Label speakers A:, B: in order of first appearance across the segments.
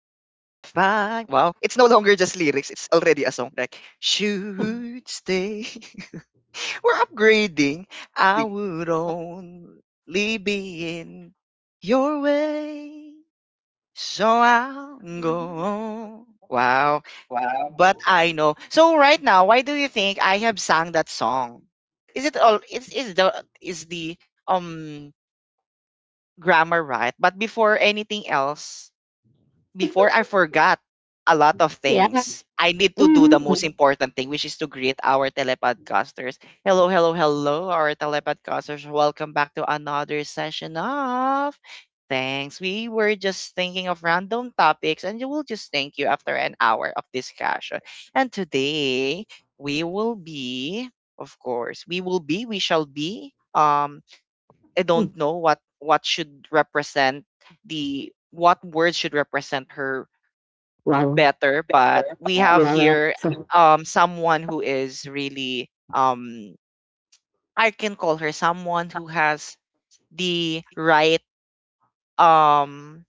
A: I wow, it's no longer just lyrics; it's already a song. Like should stay, we're upgrading. I would only be in your way, so I'll go. Wow, but I know. So right now, why do you think I have sung that song? Is it all? Is the um grammar right? But before anything else, before I forgot a lot of
B: Yeah.
A: things. I need to do the most
B: Mhm.
A: important thing, which is to greet our telepodcasters. Hello, hello, hello, our telepodcasters. Welcome back to another session of Thanks. We were just thinking of random topics, and you will just thank you after an hour of discussion. And today we will be, of course, we will be, we shall be. I don't
B: Mm.
A: know what should represent the what words should represent her
B: Wow.
A: better, but we
B: Wow.
A: have here someone who is really I can call her someone who has the right. um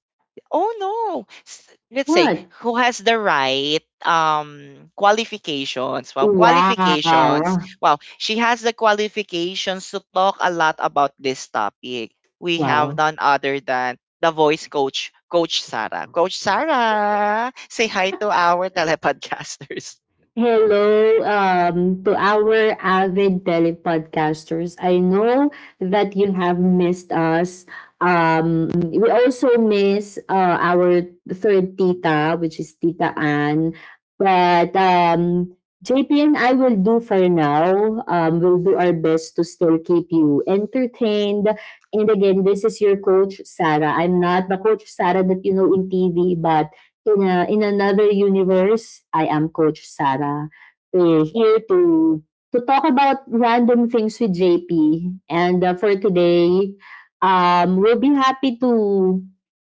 A: Oh no. Let's say
B: What?
A: who has the right qualifications. Well, qualifications.
B: Wow.
A: Well, she has the qualifications to talk a lot about this topic. We have
B: Wow.
A: none other than the voice coach, Coach Sarah. Coach Sarah, say hi to our telepodcasters.
B: Hello to our avid telepodcasters. I know that you have missed us. We also miss our third tita, which is Tita Ann. But um, JP and I will do for now. We'll do our best to still keep you entertained. And again, this is your coach, Sarah. I'm not the coach, Sarah, that you know in TV, but in another universe, I am Coach Sarah. We're here to talk about random things with JP. And for today, we'll be happy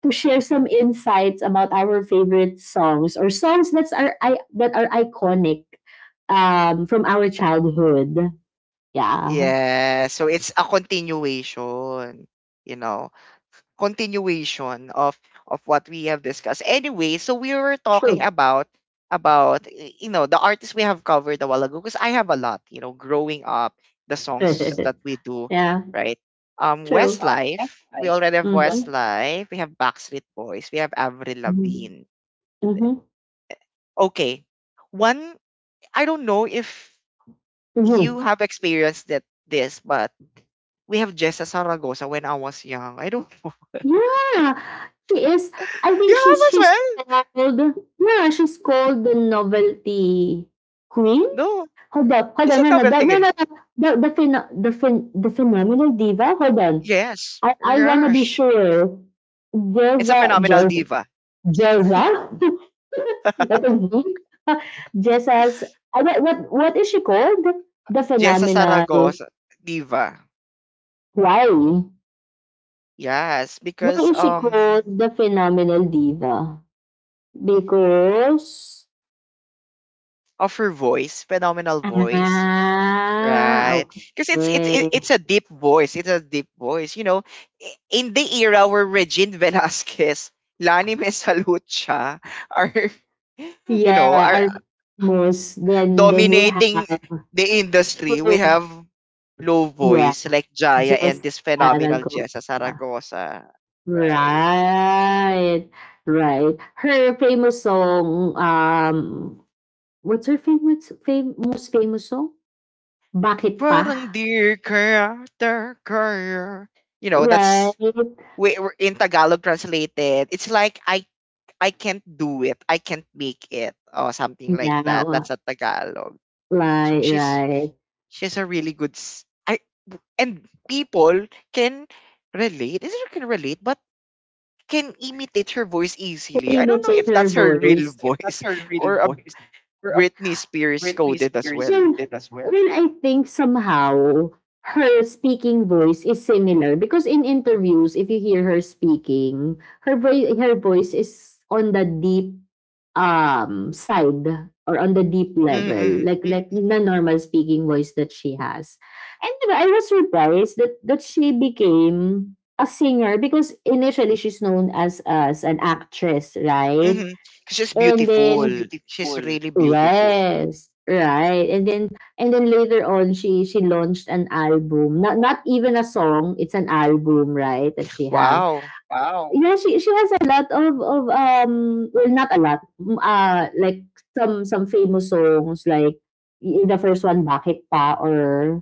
B: to share some insights about our favorite songs or songs that are iconic from our childhood. Yeah,
A: Yeah, so it's a continuation. you know. Continuation of what we have discussed. Anyway, so we were talking
B: true.
A: about the artists we have covered a while ago because I have a lot, growing up, the songs that we do,
B: Yeah,
A: right?
B: true.
A: Westlife, we already have
B: Mm-hmm.
A: Westlife, we have Backstreet Boys, we have Avril
B: Mm-hmm.
A: Lavigne. and
B: Mm-hmm.
A: then- Okay. One, I don't know if you
B: Mm-hmm.
A: have experienced that this, but we have Jessa Saragosa when I was young. I don't know.
B: Yeah, she is. I
A: You
B: think she
A: have as
B: she's
A: well?
B: called. Yeah, she's called the novelty queen.
A: No.
B: Hold up, hold
A: Is
B: on,
A: it novelty?
B: no, no,
A: Tigre?
B: no. The phenomenal diva. Hold on,
A: Yes.
B: I wanna be
A: Yes.
B: sure.
A: It's a
B: Jeza,
A: phenomenal
B: Jeza,
A: diva.
B: Jeza. I don't know. Jeza's. I don't- What is she called? The
A: Jessa
B: phenomenal.
A: Saragossa, diva.
B: Why?
A: Yes,
B: Why
A: because
B: is she called the phenomenal diva? Because
A: of her voice, phenomenal voice,
B: Ah,
A: right? Because it's it's it-
B: okay.
A: it's a deep voice. It's a deep voice. You know, in the era where Regine Velasquez, Lani Mesalucha are are
B: Yeah, almost. Then we have
A: dominating the industry, we have
B: Peru.
A: low
B: Yeah,
A: voice like Jaya and
B: just
A: this phenomenal Jessa
B: Tarragona.
A: Saragosa, right?
B: Right. Right. Her famous song, what's her most famous song? Bakit
A: Parang
B: pa?
A: dear character,
B: Right.
A: that's we're in Tagalog translated. It's like I can't do it, I can't make it, or something like
B: Yeah,
A: that. That's
B: wa-
A: a Tagalog. So
B: right,
A: she's
B: right.
A: she's a really good. I and people can relate. Is it can relate? Can imitate her voice easily. I don't know
B: Imitate
A: if
B: her
A: that's her real
B: voice.
A: voice or a Britney Spears coded as well.
B: Yun. Well, I think somehow her speaking voice is similar because in interviews, if you hear her speaking, her voice is on the deep side or on the deep level,
A: Mm-hmm.
B: like like the normal speaking voice that she has. And you know, I was surprised that she became a singer because initially she's known as an actress, right?
A: Mm-hmm. She's
B: And It's
A: beautiful.
B: then
A: She's really beautiful.
B: Yes, right. And then later on she launched an album. Not not even a song, it's an album, right? That she have.
A: Wow.
B: Yeah, she has a lot of um well not a lot. Like some some famous songs like the first one Bakit Pa or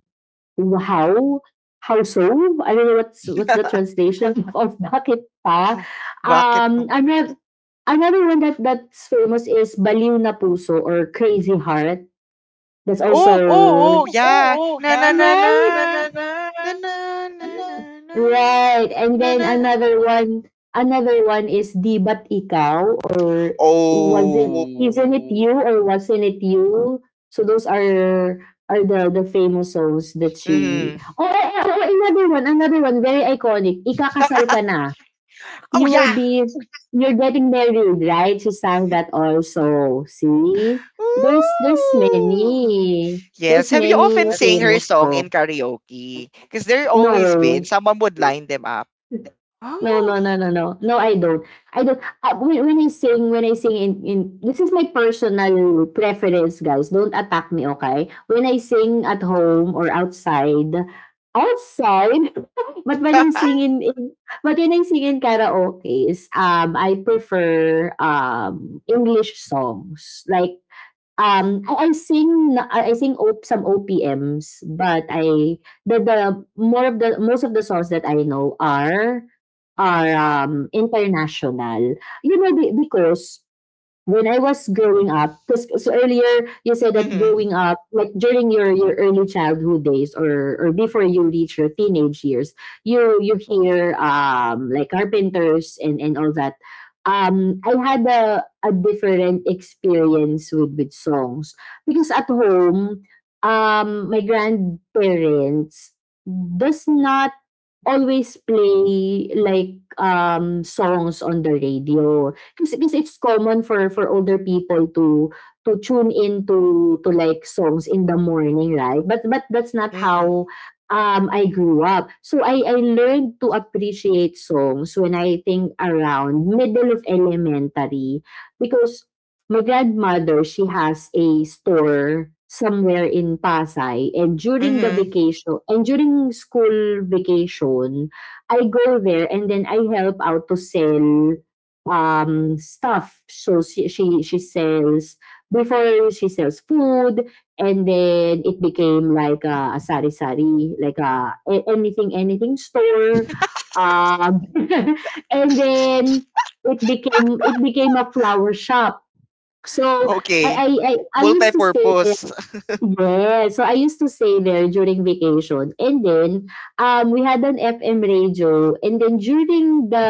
B: Wow! How so? I don't know what's the translation of bakit pa?
A: Bakit pa?
B: Um, ano Another one that's famous is Baliw na Puso or Crazy Heart. That's also
A: Oh, oh, oh,
B: oh
A: yeah.
B: oh
A: Na na na na.
B: Right?
A: Na na na na na.
B: Right. And
A: Na
B: then
A: na.
B: another one is Di Ba't Ikaw? Or was it, yeah, isn't it
A: Oh.
B: you or wasn't it you? So those are are the famous songs that she
A: Mm.
B: Oh, oh, oh, oh, another one, very iconic. Ikakasal ka na.
A: Oh
B: You will
A: yeah.
B: be you're getting married, right? She sang that also. See? There's there's
A: Ooh.
B: many.
A: Yes.
B: There's
A: Have you
B: many
A: often
B: Yes.
A: sang her
B: famous
A: song
B: songs.
A: in karaoke? Because there always been
B: No.
A: someone would line them up.
B: No,
A: Oh.
B: no, no, no, no. No, I don't. I don't. When I sing in, this is my personal preference, guys. Don't attack me, okay? When I sing at home or outside, outside, but when I sing in but when I sing in karaoke, I prefer English songs. Like, I sing op some OPMs, but I the more of the most of the songs that I know are are, international. You know, because when I was growing up, because so earlier you said that
A: mm-hmm.
B: growing up, like during your early childhood days or before you reach your teenage years, you hear like carpenters and all that. I had a different experience with songs because at home, my grandparents does not always play like songs on the radio. Kasi kasi it's common for older people to tune in to like songs in the morning, right? But that's not
A: Mm-hmm.
B: how I grew up. So I learned to appreciate songs when I think around middle of elementary because my grandmother she has a store somewhere in Pasay and during the
A: Mm-hmm.
B: vacation and during school vacation I go there and then I help out to sell stuff. So she sells before she sells food, and then it became like a sari sari, like anything anything store. Um, and then it became a flower shop. So
A: Okay.
B: I I I used to stay
A: Multi-purpose
B: there yeah, so I used to stay there during vacation. And then we had an FM radio and then during the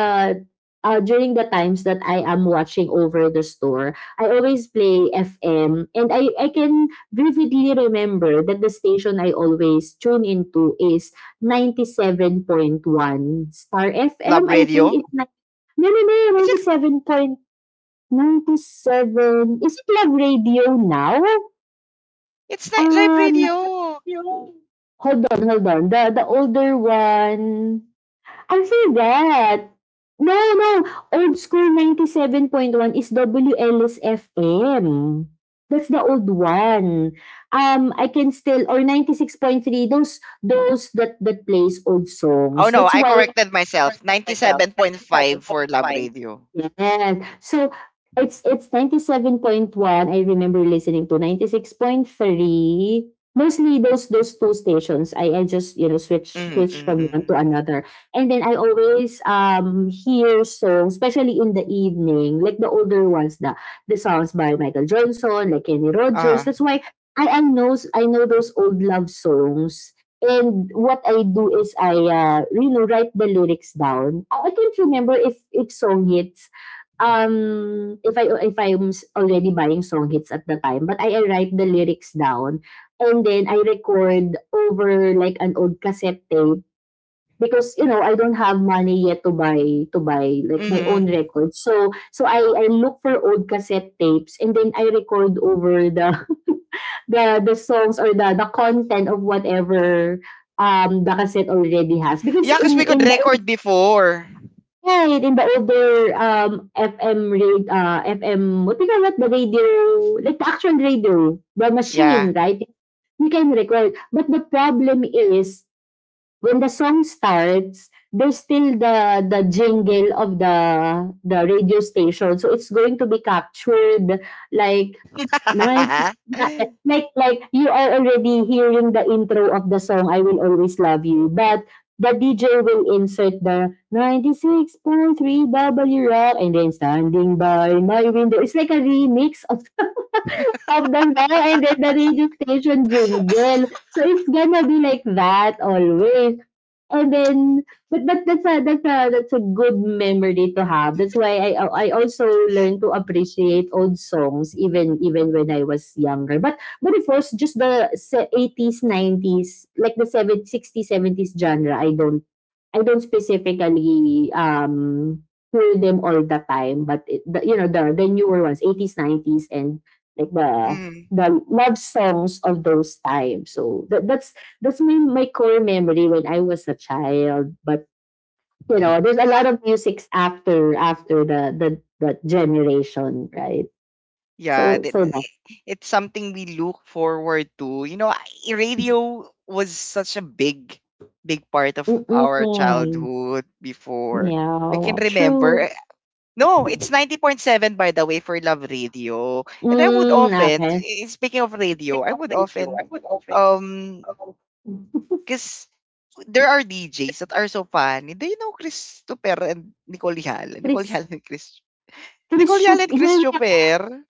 B: uh during the times that I am watching over the store, I always play FM and I can vividly remember that the station I always tune into is 97.1 Star
A: lab
B: FM. I
A: radio.
B: think it's like no no no
A: It's, just,
B: 97.97 is it love radio now?
A: it's not lab
B: Um
A: radio.
B: Hold on, hold on. The older one, I forgot. No, no. Old School ninety seven point one is WLS-FM. That's the old one. I can still or ninety six point three. Those those that plays old
A: Oh
B: songs.
A: no,
B: That's
A: I
B: why
A: corrected myself. 97.5 for lab radio.
B: Yes. So it's 97.1. I remember listening to 96.3. Mostly those those two stations. I just, you know, switch
A: Mm-hmm.
B: switch from
A: Mm-hmm.
B: one to another. And then I always hear songs, especially in the evening, like the older ones, the songs by Michael Johnson, like Kenny Rogers.
A: Ah.
B: That's why I know those old love songs. And what I do is I you know write the lyrics down. I can't remember if song hits if I'm already buying song hits at the time, but I write the lyrics down and then I record over like an old cassette tape because you know I don't have money yet to buy like my own
A: Mm-hmm.
B: records. So I look for old cassette tapes and then I record over the the songs or the content of whatever the cassette already has because
A: Yeah, because we could
B: in the
A: record before.
B: Right, in the older, FM radio FM what do you call that? The radio, like the action radio, the
A: Yeah.
B: machine, right? You can record. But the problem is when the song starts, there's still the jingle of the radio station. So it's going to be captured like naman like like you are already hearing the intro of the song, I Will Always Love You, but the DJ will insert the 96.3 W Rock and then Standing by My Window. It's like a remix of the song and then the radio station jingle. So it's gonna be like that always. And then but that's that's a good memory to have. That's why I also learned to appreciate old songs even even when I was younger. But of course, eighties, nineties, like the 70s, 60s, 70s genre, I don't specifically hear them all the time. But you know the newer ones, eighties, nineties, and like
A: mm-hmm.
B: the love songs of those times. So that's my core memory when I was a child. But you know, there's a lot of musics after after the generation, right?
A: Yeah,
B: So that
A: it's something we look forward to. You know, radio was such a big, big part of our
B: mm-mm.
A: childhood before. I can
B: Yeah,
A: remember.
B: true.
A: No, it's 90.7, by the way, for Love Radio. And I would
B: Mm,
A: often,
B: okay.
A: speaking of radio, I would often, um, because there are DJs that are so funny. Do you know Christopher and Nicole Yala? Nicole
B: Chris
A: Yala and Chris.
B: Chris
A: Nicole Yala
B: Shoop,
A: and
B: yeah, yeah.
A: Christopher.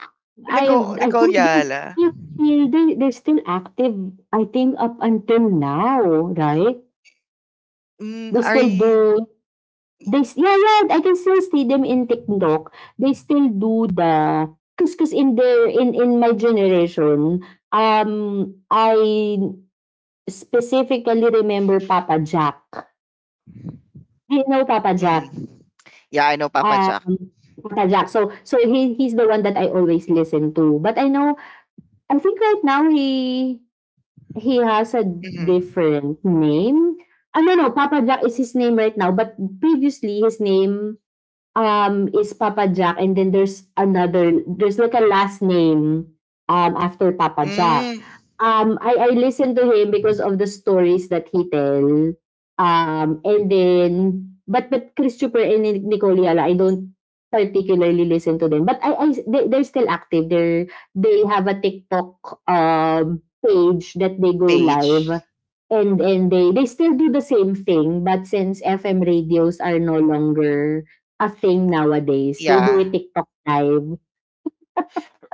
A: Nicole,
B: I
A: Nicole
B: think they
A: Yala.
B: still they they're still active. I think up until now, right?
A: Mm,
B: They
A: are
B: still
A: you
B: do They s yeah, yeah, I can still see them in TikTok. They still do the 'cause in my generation, um, I specifically remember Papa Jack. Do you know Papa Jack?
A: mhm. Yeah, I know Papa Jack.
B: Um, Papa Jack. So he he's the one that I always listen to. But I know I think right now he has a
A: Mhm.
B: different name. I don't know Papa Jack is his name right now, but previously his name is Papa Jack and then there's another there's like a last name after Papa Jack.
A: Mm,
B: I listen to him because of the stories that he tell. And then but Christopher and Nicole Yala, I don't particularly listen to them. But I they, they're still active. They're they have a TikTok page that they go
A: Paige.
B: live and they still do the same thing but since FM radios are no longer a thing nowadays. They do a
A: Yeah.
B: TikTok live.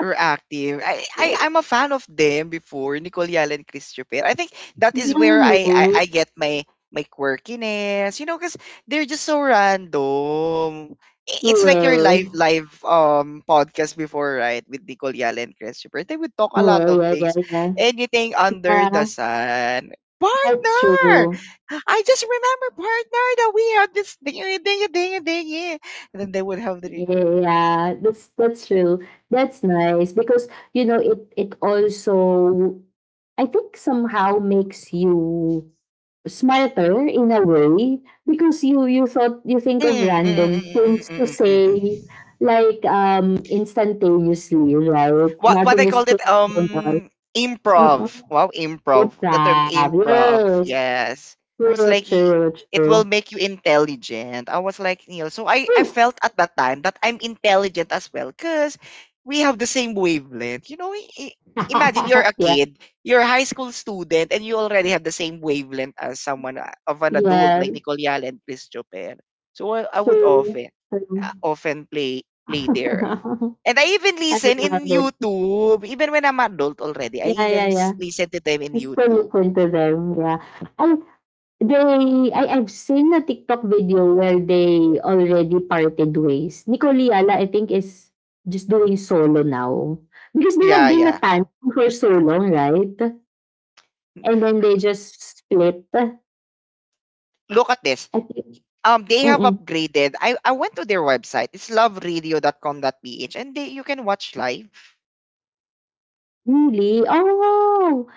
A: Were active. I'm a fan of them before Nicole Yala and Chris Jupiter. I think that is where I I,
B: Really?
A: I get my quirkiness, you know, because they're just so random. It's like your
B: Yes.
A: live podcast before, right? With Nicole Yala and Chris Jupiter, they would talk a lot
B: Yeah,
A: of
B: yeah, yeah,
A: things,
B: yeah.
A: anything under the
B: Yeah,
A: sun.
B: that's
A: Partner,
B: true.
A: I just remember partner that we had this thing, ding, ding, ding, ding, and then they would have the.
B: Yeah, that's true. That's nice because you know it also I think somehow makes you smarter in a way because you think of
A: Mm, mm,
B: random
A: mm, mm, mm,
B: things to
A: mm, mm, mm.
B: say
A: Mm.
B: like instantaneously, right?
A: What they
B: Nothing is
A: called it,
B: coincidental.
A: improv, wow, improv,
B: Good
A: the term
B: job.
A: improv,
B: Yes.
A: yes. It was
B: True,
A: like,
B: true,
A: it will
B: true.
A: make you intelligent. I was like, Neil. So I
B: Yes.
A: felt at that time that I'm intelligent as well, because we have the same wavelength, you know. Imagine, you're a
B: Yes,
A: kid, you're a high school student, and you already have the same wavelength as someone, of an adult
B: yes.
A: like Nicole Yal and Chris Chopin. So I would
B: True,
A: often,
B: true.
A: often play there, and I even
B: I
A: listen in
B: love it.
A: YouTube. Even when I'm adult already, I
B: Yeah,
A: even
B: yeah, yeah.
A: listen to them in
B: It's still
A: YouTube.
B: listen to them. Yeah. I, I've seen a TikTok video where they already parted ways. Nicole Yala, I think, is just doing solo now. Because they have
A: Yeah,
B: been a
A: yeah.
B: tandem for so long, right? And then they just split. I
A: Look at this.
B: think.
A: They have upgraded. I went to their website. It's .com.ph, and they you can watch live.
B: Really? Oh,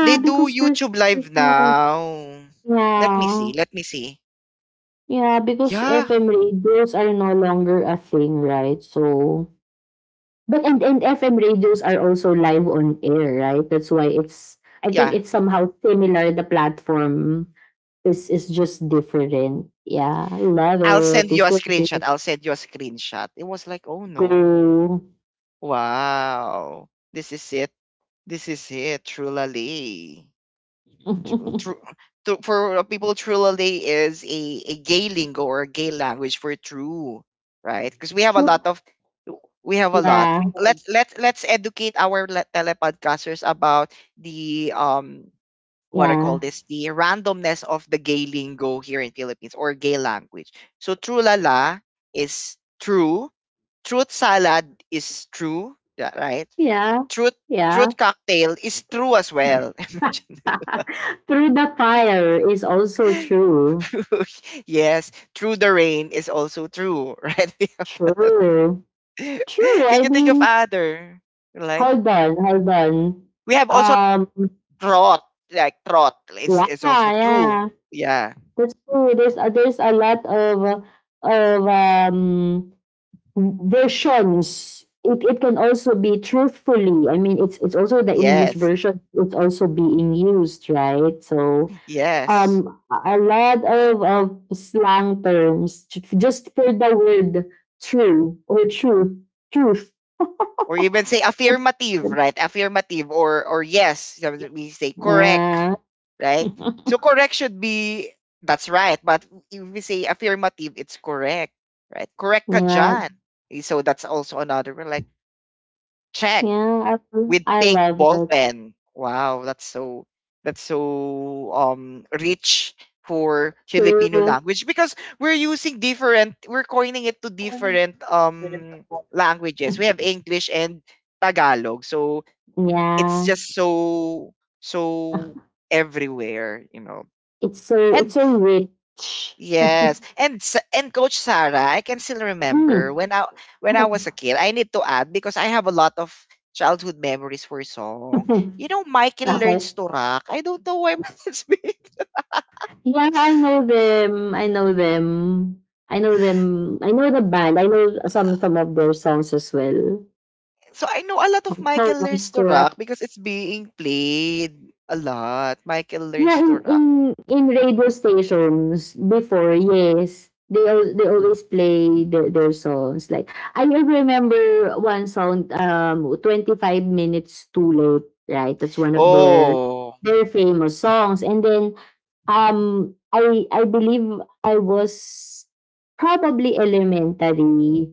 A: They do
B: because there's
A: YouTube live
B: there's no,
A: now. Let me see.
B: yeah.
A: Let me see.
B: Yeah, because
A: Yeah.
B: FM radios are no longer a thing, right? So, but and FM radios are also live on air, right? That's why I think
A: Yeah.
B: it's somehow similar. The platform is just different. Yeah, love
A: I'll
B: it.
A: send
B: They
A: you a
B: still
A: screenshot.
B: do
A: I'll send you a screenshot. It was like, oh no.
B: go.
A: Wow. This is it. This is it. Trulali. true for people, Trulalay is a gay lingo or a gay language for true, right? Because
B: Sure.
A: we have a lot.
B: Yeah,
A: Let's educate our telepodcasters about the what I call
B: yeah,
A: this, the randomness of the gay lingo here in Philippines or gay language. So Trulala is true. Truth salad is true, yeah, right?
B: yeah,
A: Truth
B: yeah.
A: truth cocktail is true as well. Imagine.
B: Through the fire is also true.
A: Yes, through the rain is also true, right?
B: True. True,
A: Can
B: I
A: you think of
B: mean,
A: other? Like
B: hold on, hold on.
A: we have also
B: Um,
A: trot, like trot. It's
B: yeah,
A: it's also true.
B: yeah.
A: Yeah.
B: That's true. There's a lot of, of versions. It can also be truthfully. I mean, it's also the English
A: Yes.
B: version. It's also being used, right? So,
A: Yes.
B: a lot of slang terms just for the word true or truth, truth.
A: Or even say affirmative, right? Affirmative or yes. Sometimes we say correct,
B: Yeah,
A: right? So correct should be that's right, but if we say affirmative, it's correct, right? Correct ka
B: yeah,
A: dyan. So that's also another one, like check
B: yeah.
A: with
B: I
A: pink
B: love
A: ball
B: it.
A: pen. Wow, that's so rich for Filipino
B: True.
A: language, because we're using different, we're coining it to different languages. We have English and Tagalog. So it's
B: Yeah,
A: just so everywhere, you know.
B: it's
A: And
B: so rich.
A: yes, and and Coach Sarah, I can still
B: Mm.
A: remember when I was a kid. I need to add because I have a lot of childhood memories for song.
B: Okay.
A: You know, Michael learns to rock. I don't know why, but it's being
B: Yeah, I know them. I know them. I know them. I know the band. I know some of their songs as well.
A: so I know a lot of
B: How
A: Michael
B: wants.
A: learns to rock because it's being played a lot. Michael
B: Yeah,
A: learns
B: in
A: to
B: in
A: rock.
B: in radio stations before, yes, they always play their songs. Like I remember one song, 25 minutes too late. Right, that's one of their
A: Oh,
B: their famous songs. And then, I believe I was probably elementary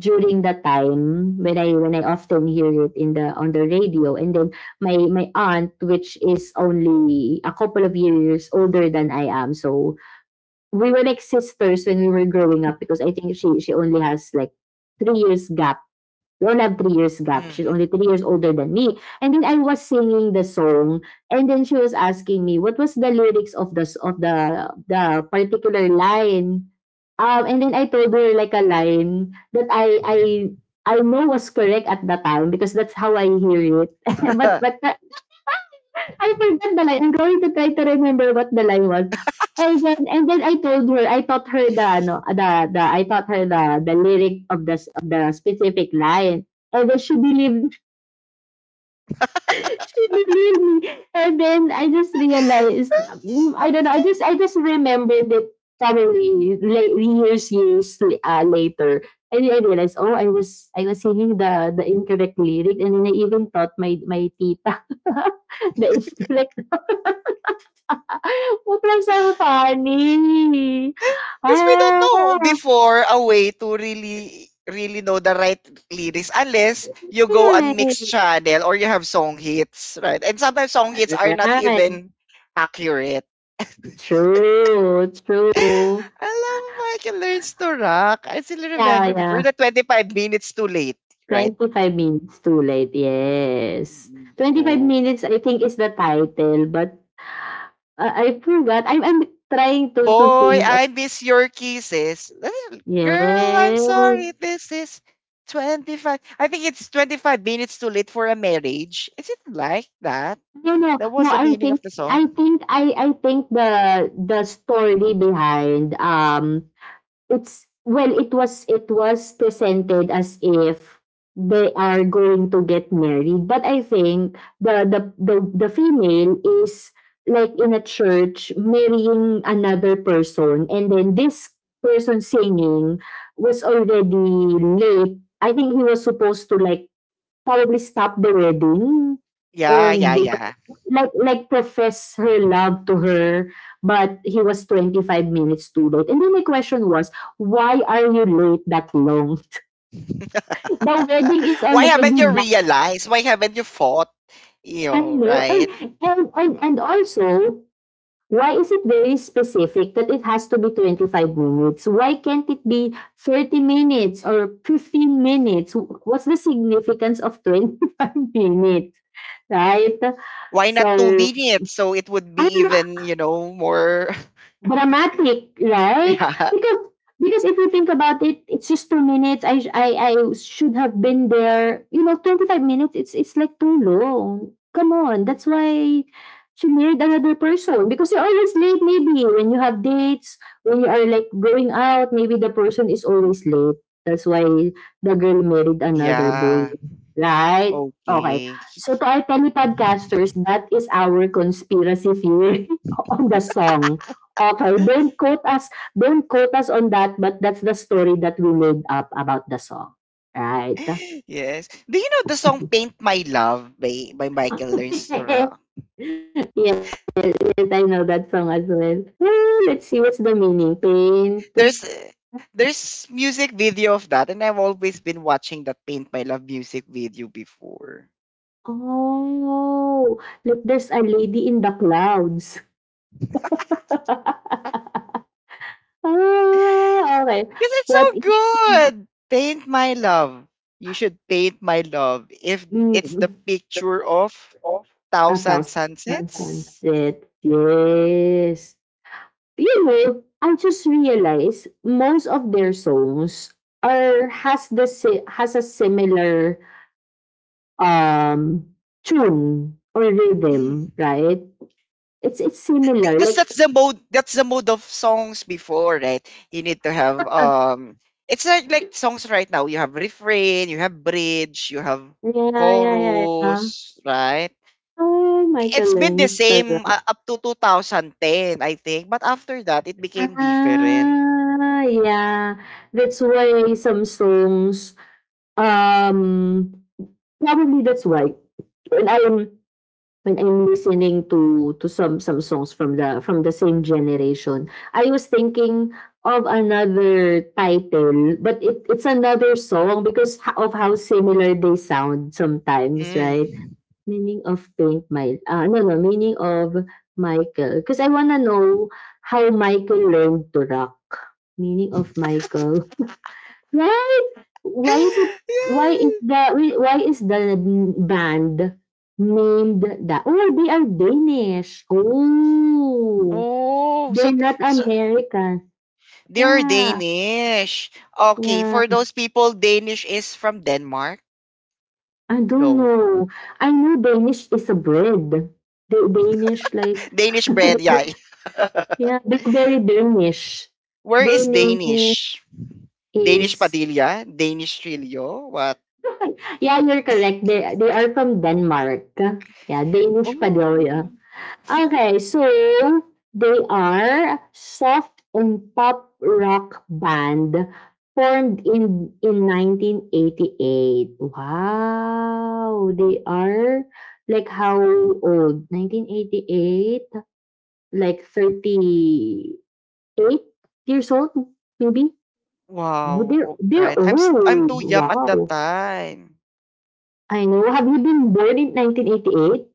B: during the time when I often hear it in the on the radio. And then my aunt, which is only a couple of years older than I am, so we were like sisters when we were growing up, because I think she only has like 3 years gap. We only have 3 years gap. She's only
A: mhm.
B: 3 years older than me, and then I was singing the song, and then she was asking me what was the lyrics of of the particular line. And then I told her like a line that I know was correct at the time, because that's how I hear it. but but I forgot the line. I'm going to try to remember what the line was. And then, I told her, I taught her the ano, the, I taught her the lyric of the, of the specific line. And then she believed me. And then I just realized, mm, I don't know, I just remembered it probably late, years years, later. And then I realized, oh, I was singing the incorrect lyric, and then I even taught my tita the incorrect. What was so funny?
A: Because we don't know
B: Oh,
A: before a way to really really know the right lyrics, unless you go on mixed
B: right,
A: channel or you have song hits, right? And sometimes song hits are not
B: right.
A: even accurate.
B: True, true.
A: I love Michael Learns to Rock. I still
B: Yeah,
A: remember before
B: yeah.
A: the 25 minutes too late, right?
B: 25 Minutes Too Late, yes. Twenty five
A: No.
B: Minutes, I think, is the title, but I forgot. I'm trying to
A: Boy,
B: think of.
A: I miss your kisses. Little Girl, I'm
B: Yes.
A: sorry. This is 25. I think it's 25 minutes too late for a marriage. Is it like that?
B: No, no,
A: That was
B: no.
A: the
B: I
A: meaning of
B: think
A: the song.
B: I think I I think the story behind, it's, well, it was presented as if they are going to get married, but I think the female is like in a church marrying another person, and then this person singing was already late. I think he was supposed to, like, probably stop the wedding,
A: Yeah, yeah,
B: and
A: yeah.
B: like profess her love to her, but he was 25 minutes too late. And then my question was, why are you late that long? The wedding is
A: Why haven't you
B: already done.
A: realized? Why haven't you fought? You
B: I
A: know,
B: know. And,
A: right?
B: and, and, and also, why is it very specific that it has to be 25 minutes? Why can't it be 30 minutes or 15 minutes? What's the significance of 25 minutes? Right?
A: Why not two
B: So,
A: minutes? So it would be
B: I don't know.
A: even, more.
B: Dramatic, right?
A: Yeah.
B: Because because if you think about it, it's just 2 minutes. I sh- I should have been there. You know, 25 minutes, it's like too long. Come on. That's why she married another person, because you're always late maybe when you have dates, when you are like going out, maybe the person is always late. That's why the girl married another boy.
A: Yeah.
B: Right? Okay.
A: Okay.
B: So to our telepodcasters, that is our conspiracy theory on the song. Okay, don't quote us on that, but that's the story that we made up about the song. Right?
A: Yes. Do you know the song Paint My Love by Michael Learns to
B: Yes,
A: Rock?
B: yes, I know that song as well. Ah, let's see what's the meaning. Paint.
A: There's uh, there's music video of that, and I've always been watching that Paint My Love music video before.
B: Oh, look, there's a lady in the clouds. Ah, okay.
A: Because it's
B: What
A: so
B: is,
A: good. Paint My Love. You should paint my love if it's
B: mm,
A: the picture of
B: a
A: thousand
B: thousand?
A: sunsets.
B: Yes, yes. You know, I just realized most of their songs are has the si- has a similar, um tune or rhythm,
A: Hmm.
B: right? It's similar.
A: Because
B: Like,
A: that's the mode of songs before, right? You need to have, it's like, songs right now, you have refrain, you have bridge, you have
B: yeah, yeah, yeah, yeah.
A: chorus, right?
B: Oh,
A: It's
B: Michael
A: been the
B: learns the
A: same,
B: rock.
A: up to 2010, I think, but after that it became different.
B: Ah, yeah. That's why some songs. Um, Probably that's why. And I'm When I'm listening to some songs from the same generation, I was thinking of another title, but it's another song, because of how similar they sound sometimes, right?
A: Mm.
B: Meaning of Pink, my no, meaning of Michael, because I wanna know how Michael learned to rock. Meaning of Michael. Right? Why is it why is
A: Yeah.
B: the why is the band named that? Oh, they are Danish. Oh,
A: Oh,
B: they're
A: so
B: not
A: so
B: American.
A: they're
B: Yeah,
A: Danish. Okay,
B: yeah.
A: for those people, Danish is from Denmark.
B: I don't
A: No,
B: know. I know Danish is a bread. The Danish like
A: Danish bread. Yeah.
B: yeah, they're very Danish.
A: Where is
B: Danish
A: Danish? Danish
B: is.
A: Padilla, Danish Trillo. What?
B: Yeah, you're correct. They are from Denmark. Yeah, Danish
A: Oh,
B: Padoya. Okay, so they are soft and pop rock band formed in 1988. Wow, they are like how old? 1988, like 38 years old maybe. Oh,
A: wow.
B: they're
A: Oh,
B: they're
A: right. I'm
B: old.
A: too young at that
B: Wow.
A: time.
B: I know. Have you been born in 1988?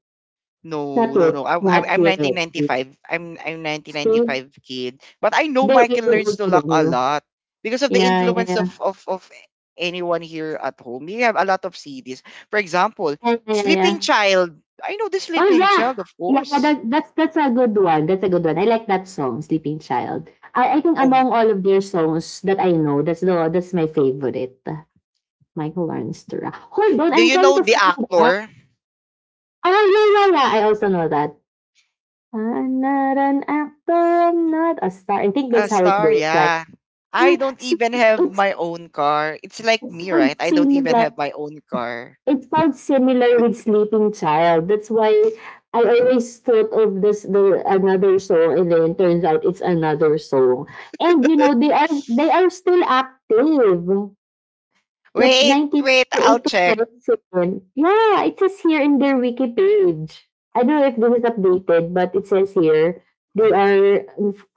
B: Not
A: No, no,
B: yet.
A: no. I'm I'm
B: Not
A: I'm
B: yet.
A: 1995. I'm
B: See?
A: 1995 kid. But I know
B: They're even
A: Michael learns
B: older
A: to
B: than
A: lock a
B: you.
A: lot because of the
B: Yeah, yeah,
A: influence of
B: yeah.
A: of of anyone here at home. We have a lot of CDs. For example,
B: Yeah, yeah, yeah.
A: Sleeping
B: Yeah.
A: Child. I know the
B: Oh,
A: Sleeping
B: yeah!
A: Child, of
B: Yeah, yeah,
A: course.
B: that's a good one. That's a good one. I like that song, Sleeping Child. I think
A: Oh,
B: among all of their songs that I know, that's my favorite. Michael Learns to Rock. Hold on,
A: do
B: I'm
A: you
B: trying
A: know
B: to
A: the
B: find out.
A: actor?
B: Oh, yeah, yeah, yeah. I also know that. I'm not an actor, I'm not a star. I think
A: A
B: that's how it
A: star,
B: goes. Like,
A: yeah. I
B: mm,
A: don't
B: see,
A: even have
B: it's
A: my own car. It's like
B: it
A: me, right?
B: sounds
A: I don't even
B: similar.
A: have my own car.
B: It felt similar with Sleeping Child. That's why I always thought of this the another song, and then turns out it's another song. And you know, they are still active. Like
A: Wait,
B: nineteen
A: wait, I'll
B: to
A: check.
B: 27. Yeah, it says here in their wiki page. I don't know if this is updated, but it says here they are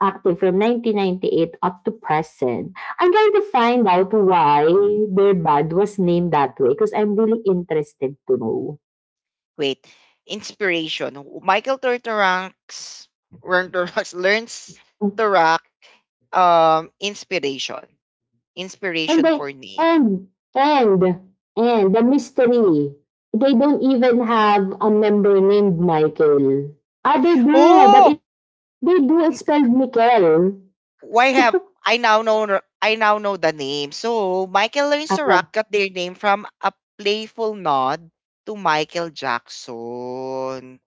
B: active from 1998 up to present. I'm trying to find out why their band was named that way because I'm really interested to know.
A: Wait, inspiration. Michael Turturax, Turturax learns to rock, inspiration.
B: And
A: Inspiration
B: they
A: for name.
B: and and and the mystery. They don't even have a member named Michael. Ah, they do, but.
A: Oh,
B: They do, it's spelled nickel.
A: why have I now know the name. So Michael learns to
B: Ayan.
A: rock got their name from a playful nod to Michael Jackson,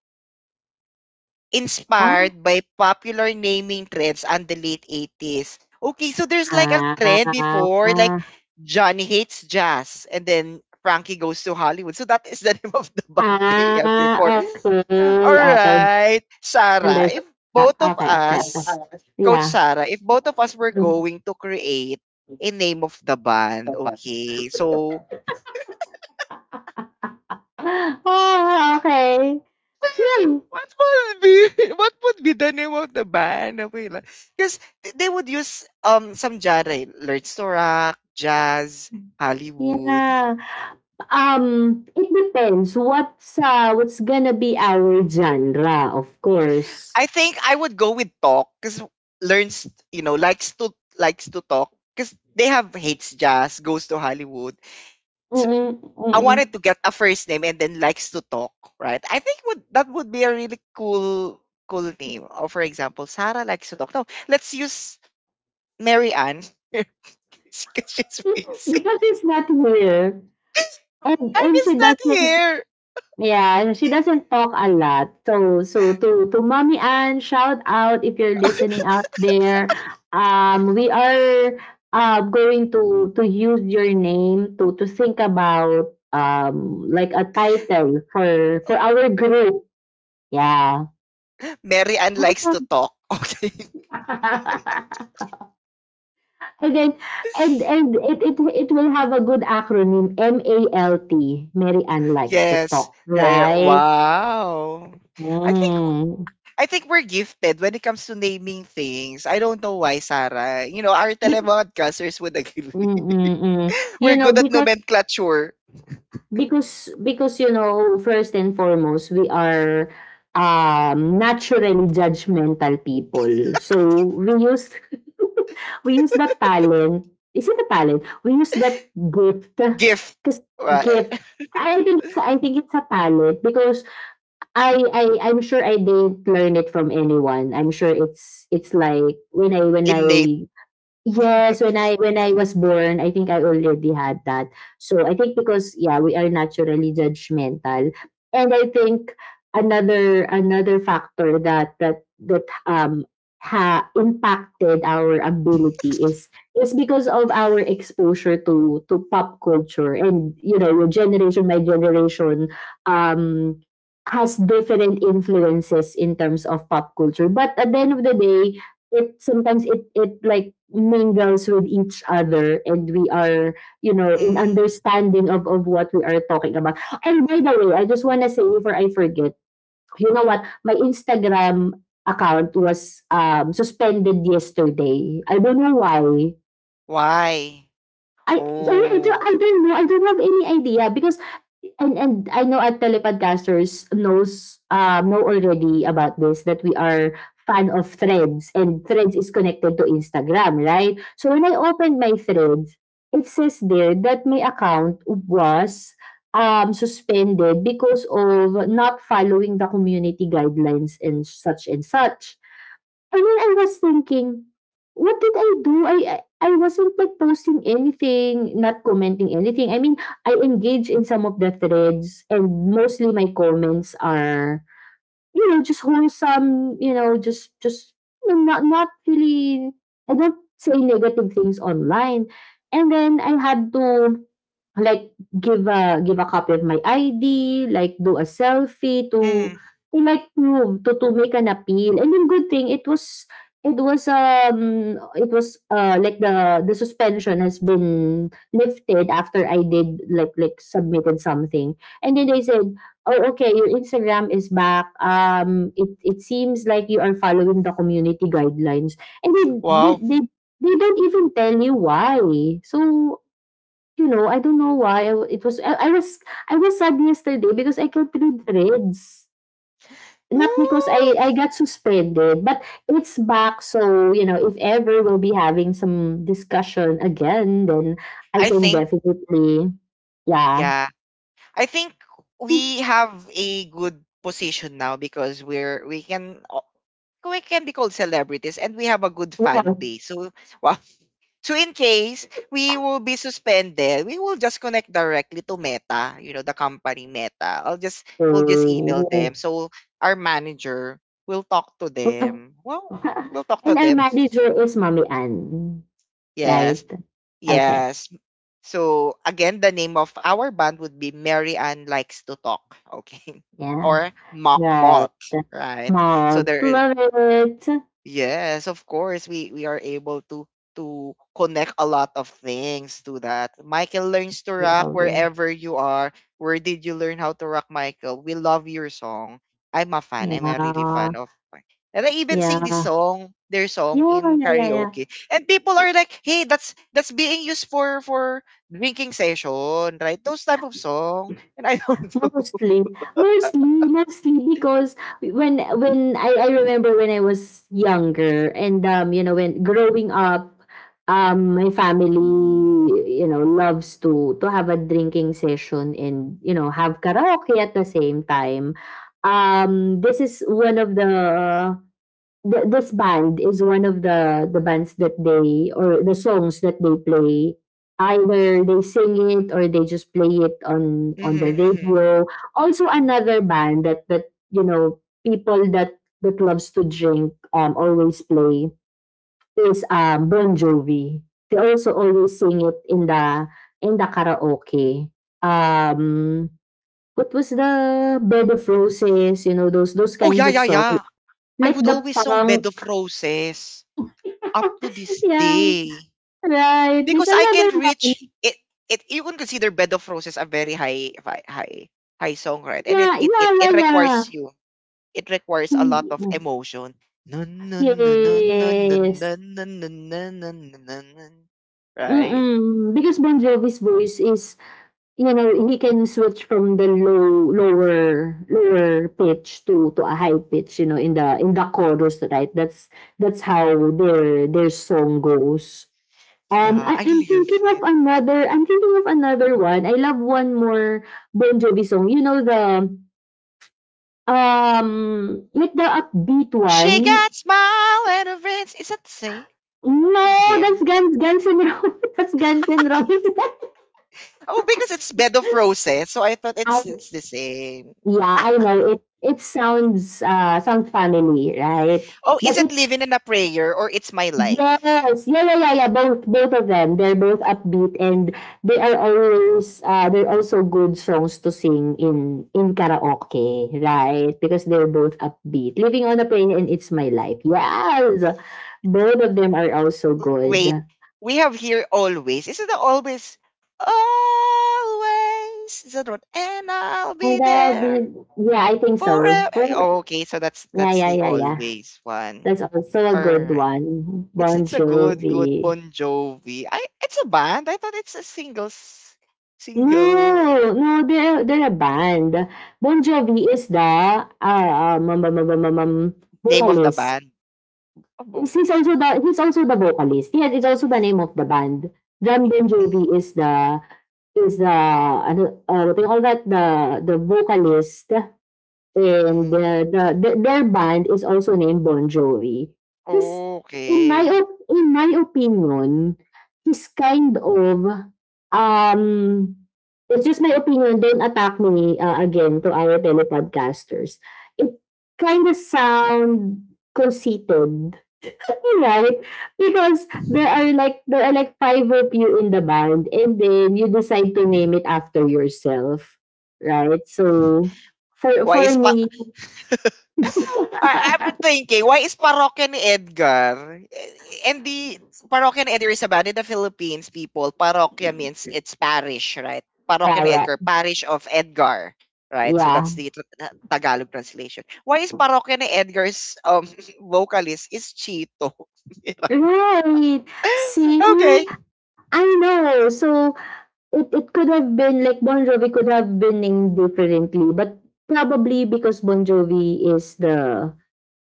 B: Huh?
A: inspired by popular naming trends on the late 80s. Okay, so there's like a
B: Ah,
A: trend
B: ah,
A: before, like
B: ah,
A: Johnny Hates Jazz, and then Frankie Goes to Hollywood. So that is the name of the band they had before.
B: ah, okay,
A: All
B: okay,
A: right, Sarah, if
B: understand.
A: both of
B: Okay, okay,
A: us,
B: okay.
A: Coach
B: Yeah.
A: Sarah, if both of us were going to create a name of the band, okay, so
B: Oh, okay. Hmm.
A: what would be what would be the name of the band? Because they would use some genre, lyrics to rock, jazz, Hollywood.
B: Yeah, um, it depends what's gonna be our genre, of course.
A: I think I would go with talk because learns, you know, likes to likes to talk because they have hates jazz, goes to Hollywood. So
B: Mm,
A: I
B: mm.
A: wanted to get a first name and then likes to talk, right? I think would that would be a really cool name. Or for example, Sarah likes to talk. No, let's use Mary Ann. Because she's busy.
B: Because it's not her, and
A: And
B: and
A: is
B: she
A: not
B: doesn't.
A: here.
B: Yeah, she doesn't talk a lot. So, to Mommy Ann, shout out if you're listening out there. We are, going to use your name to think about, like, a title for our group. Yeah.
A: Mary Ann likes to talk. Okay.
B: and then and it will have a good acronym, M A L T. Mary Ann likes to
A: Yes.
B: talk,
A: Right.
B: right?
A: Wow. I think
B: Mm.
A: I think we're gifted when it comes to naming things. I don't know why, Sarah. You know, our telemodcasters would agree.
B: Mm, mm. You
A: We're
B: know,
A: good at nomenclature.
B: you know, first and foremost, we are, naturally judgmental people. So, we use, we use that talent. Is it a talent? We use that gift,
A: Gift.
B: 'cause
A: Wa-
B: gift. I think it's a talent, because I'm sure I didn't learn it from anyone. I'm sure it's like when I
A: innate.
B: Yes, when I was born, I think I already had that. So I think, because yeah, we are naturally judgmental, and I think another another factor that, impacted our ability is because of our exposure to pop culture, and you know, your generation, my generation, um has different influences in terms of pop culture, but at the end of the day, it like mingles with each other, and we are, you know, in
A: Mm.
B: understanding of what we are talking about. And by the way, I just want to say, before I forget, you know what, my Instagram account was, suspended yesterday. I don't know why.
A: Why? Oh.
B: I don't know. I don't have any idea, because and I know our telepodcasters know already about this, that we are fan of Threads, and Threads is connected to Instagram, right? So when I opened my Threads, it says there that my account was, suspended because of not following the community guidelines and such and such. I mean, I was thinking, what did I do? I wasn't like posting anything, not commenting anything. I mean, I engage in some of the threads and mostly my comments are, just wholesome, just not not really I don't say negative things online. And then I had to like, give a give a copy of my ID, like, do a selfie to
A: Mm.
B: like, prove, to make an appeal. And then good thing it was it was, like, the suspension has been lifted after I did, submitted something. And then they said, "Oh, okay, your Instagram is back. It seems like you are following the community guidelines." And they they
A: Wow.
B: they they don't even tell you why. So, I don't know why. I- It was I was sad yesterday because I killed three threads. Not because I
A: Ooh.
B: I got suspended, but it's back. So you know, if ever we'll be having some discussion again, then I
A: I
B: can
A: think,
B: definitely, yeah.
A: yeah, I think we have a good position now because we can be called celebrities and we have a good fan
B: Well,
A: base. So wow. So in case we will be suspended, we will just connect directly to Meta, you know, the company Meta. I'll just we'll just email
B: oh,
A: them. So our manager will talk to
B: well.
A: them. Well, we'll talk
B: And
A: to
B: our
A: them.
B: manager is Mommy Ann, right?
A: Yes.
B: Okay,
A: Yes. So again, the name of our band would be Mary Ann Likes to Talk, okay?
B: yeah,
A: Or
B: right.
A: Malt, right? So
B: Mom,
A: there.
B: love it.
A: Yes, of course. We are able to connect a lot of things to that. Michael Learns to Rock,
B: Love it.
A: wherever you are. Where did you learn how to rock, Michael? We love your song. I'm a fan. I'm a really
B: Yeah,
A: fan of Mi- And I even sing this
B: yeah.
A: song, their song
B: Yeah,
A: in
B: yeah, yeah, yeah.
A: karaoke. And people are like, "Hey, that's being used for drinking session, right? Those type of song." And I don't know.
B: Mostly, mostly, mostly because when I remember when I was younger and, you know, when growing up, my family, you know, loves to have a drinking session and, you know, have karaoke at the same time. This is one of the this band is one of the bands that they, or the songs that they play either they sing it or they just play it
A: Hmm,
B: on the
A: hmm.
B: radio. Also another band that you know people that loves to drink always play is Bon Jovi. They also always sing it in the karaoke, um what was the Bed of Roses. You know those those
A: Oh
B: kinds
A: yeah,
B: of
A: yeah,
B: songs,
A: yeah. I
B: like
A: would
B: the
A: always song Bed
B: punk.
A: of Roses up to this
B: Yeah,
A: day,
B: right. There's
A: because I can
B: another
A: reach
B: one.
A: it. You can consider Bed of Roses a very high, high, high, high song, right? And it,
B: Yeah,
A: it
B: yeah,
A: it
B: yeah,
A: it
B: yeah.
A: requires you. It requires a lot of
B: Mm,
A: emotion. Nun, nun, nun, nun, nun, nun,
B: yes.
A: nun, nun, nun, nun, nun, nun, nun, nun. Right?
B: Mm-mm. Because Bon Jovi's voice is, you know, he can switch from the low, lower, lower pitch to a high pitch. You know, in the chorus, right? That's that's how their their song goes.
A: Yeah, I
B: I'm thinking
A: love
B: of
A: it.
B: another. I'm thinking of another one. I love one more Bon Jovi song. You know the with the upbeat
A: She
B: one,
A: got smile and a rinse. Is that the same with
B: no, that's
A: him?
B: Guns Guns N' Roses. That's Guns N' Roses.
A: Oh, because it's Bed of Roses, so I thought it's
B: I
A: it's the same.
B: yeah, I know it. It sounds sounds family, right?
A: Oh, is
B: But
A: it
B: it's
A: Living in a Prayer or It's My Life?
B: yes, yeah, yeah, yeah, yeah. Both both of them, they're both upbeat and they are always they're also good songs to sing in karaoke, right? Because they're both upbeat. Living on a Prayer and It's My Life. Yes, both of them are also good.
A: Wait, we have here always. Is it that always? Always. Is that what? And I'll be
B: And I'll
A: there
B: be, yeah, I think so.
A: forever.
B: For,
A: Okay, so that's
B: yeah,
A: that's
B: yeah,
A: the
B: yeah, yeah.
A: always one.
B: That's also a
A: All
B: good
A: right.
B: one.
A: It's
B: Bon
A: it's a good
B: Jovi.
A: Bon Jovi. I It's a band. I thought it's a single single
B: No, no, they're a band. Bon Jovi is the um, um, um, um, um, um, um,
A: name of the
B: vocalist.
A: band. A
B: He's
A: vocalist.
B: also the he's also the vocalist. Yes, it's also the name of the band. John
A: Mm,
B: Bon
A: mm,
B: Jovi is the ano, what do you call that, the vocalist,
A: mm,
B: and
A: mm.
B: the their band is also named Bon Jovi. He's
A: Okay.
B: in my opinion, he's kind of um it's just my opinion. Don't attack me again to our telepodcasters. It kind of sound conceited, right? Because there are like five of you in the band, and then you decide to name it after yourself, right? So
A: Why
B: for
A: is
B: me,
A: I've
B: yeah,
A: been thinking, why is Parokya ni Edgar? And the Parokya ni Edgar is about in the Philippines, people. Parokya means it's parish, right? Parokya ni
B: yeah,
A: Edgar, parish of Edgar, right? So
B: yeah.
A: that's the Tagalog translation. Why is Parokya ni Edgar's vocalist is Chito? Diba?
B: Right. See,
A: Okay.
B: I know. So it could have been like Bon Jovi could have been named differently, but probably because Bon Jovi is the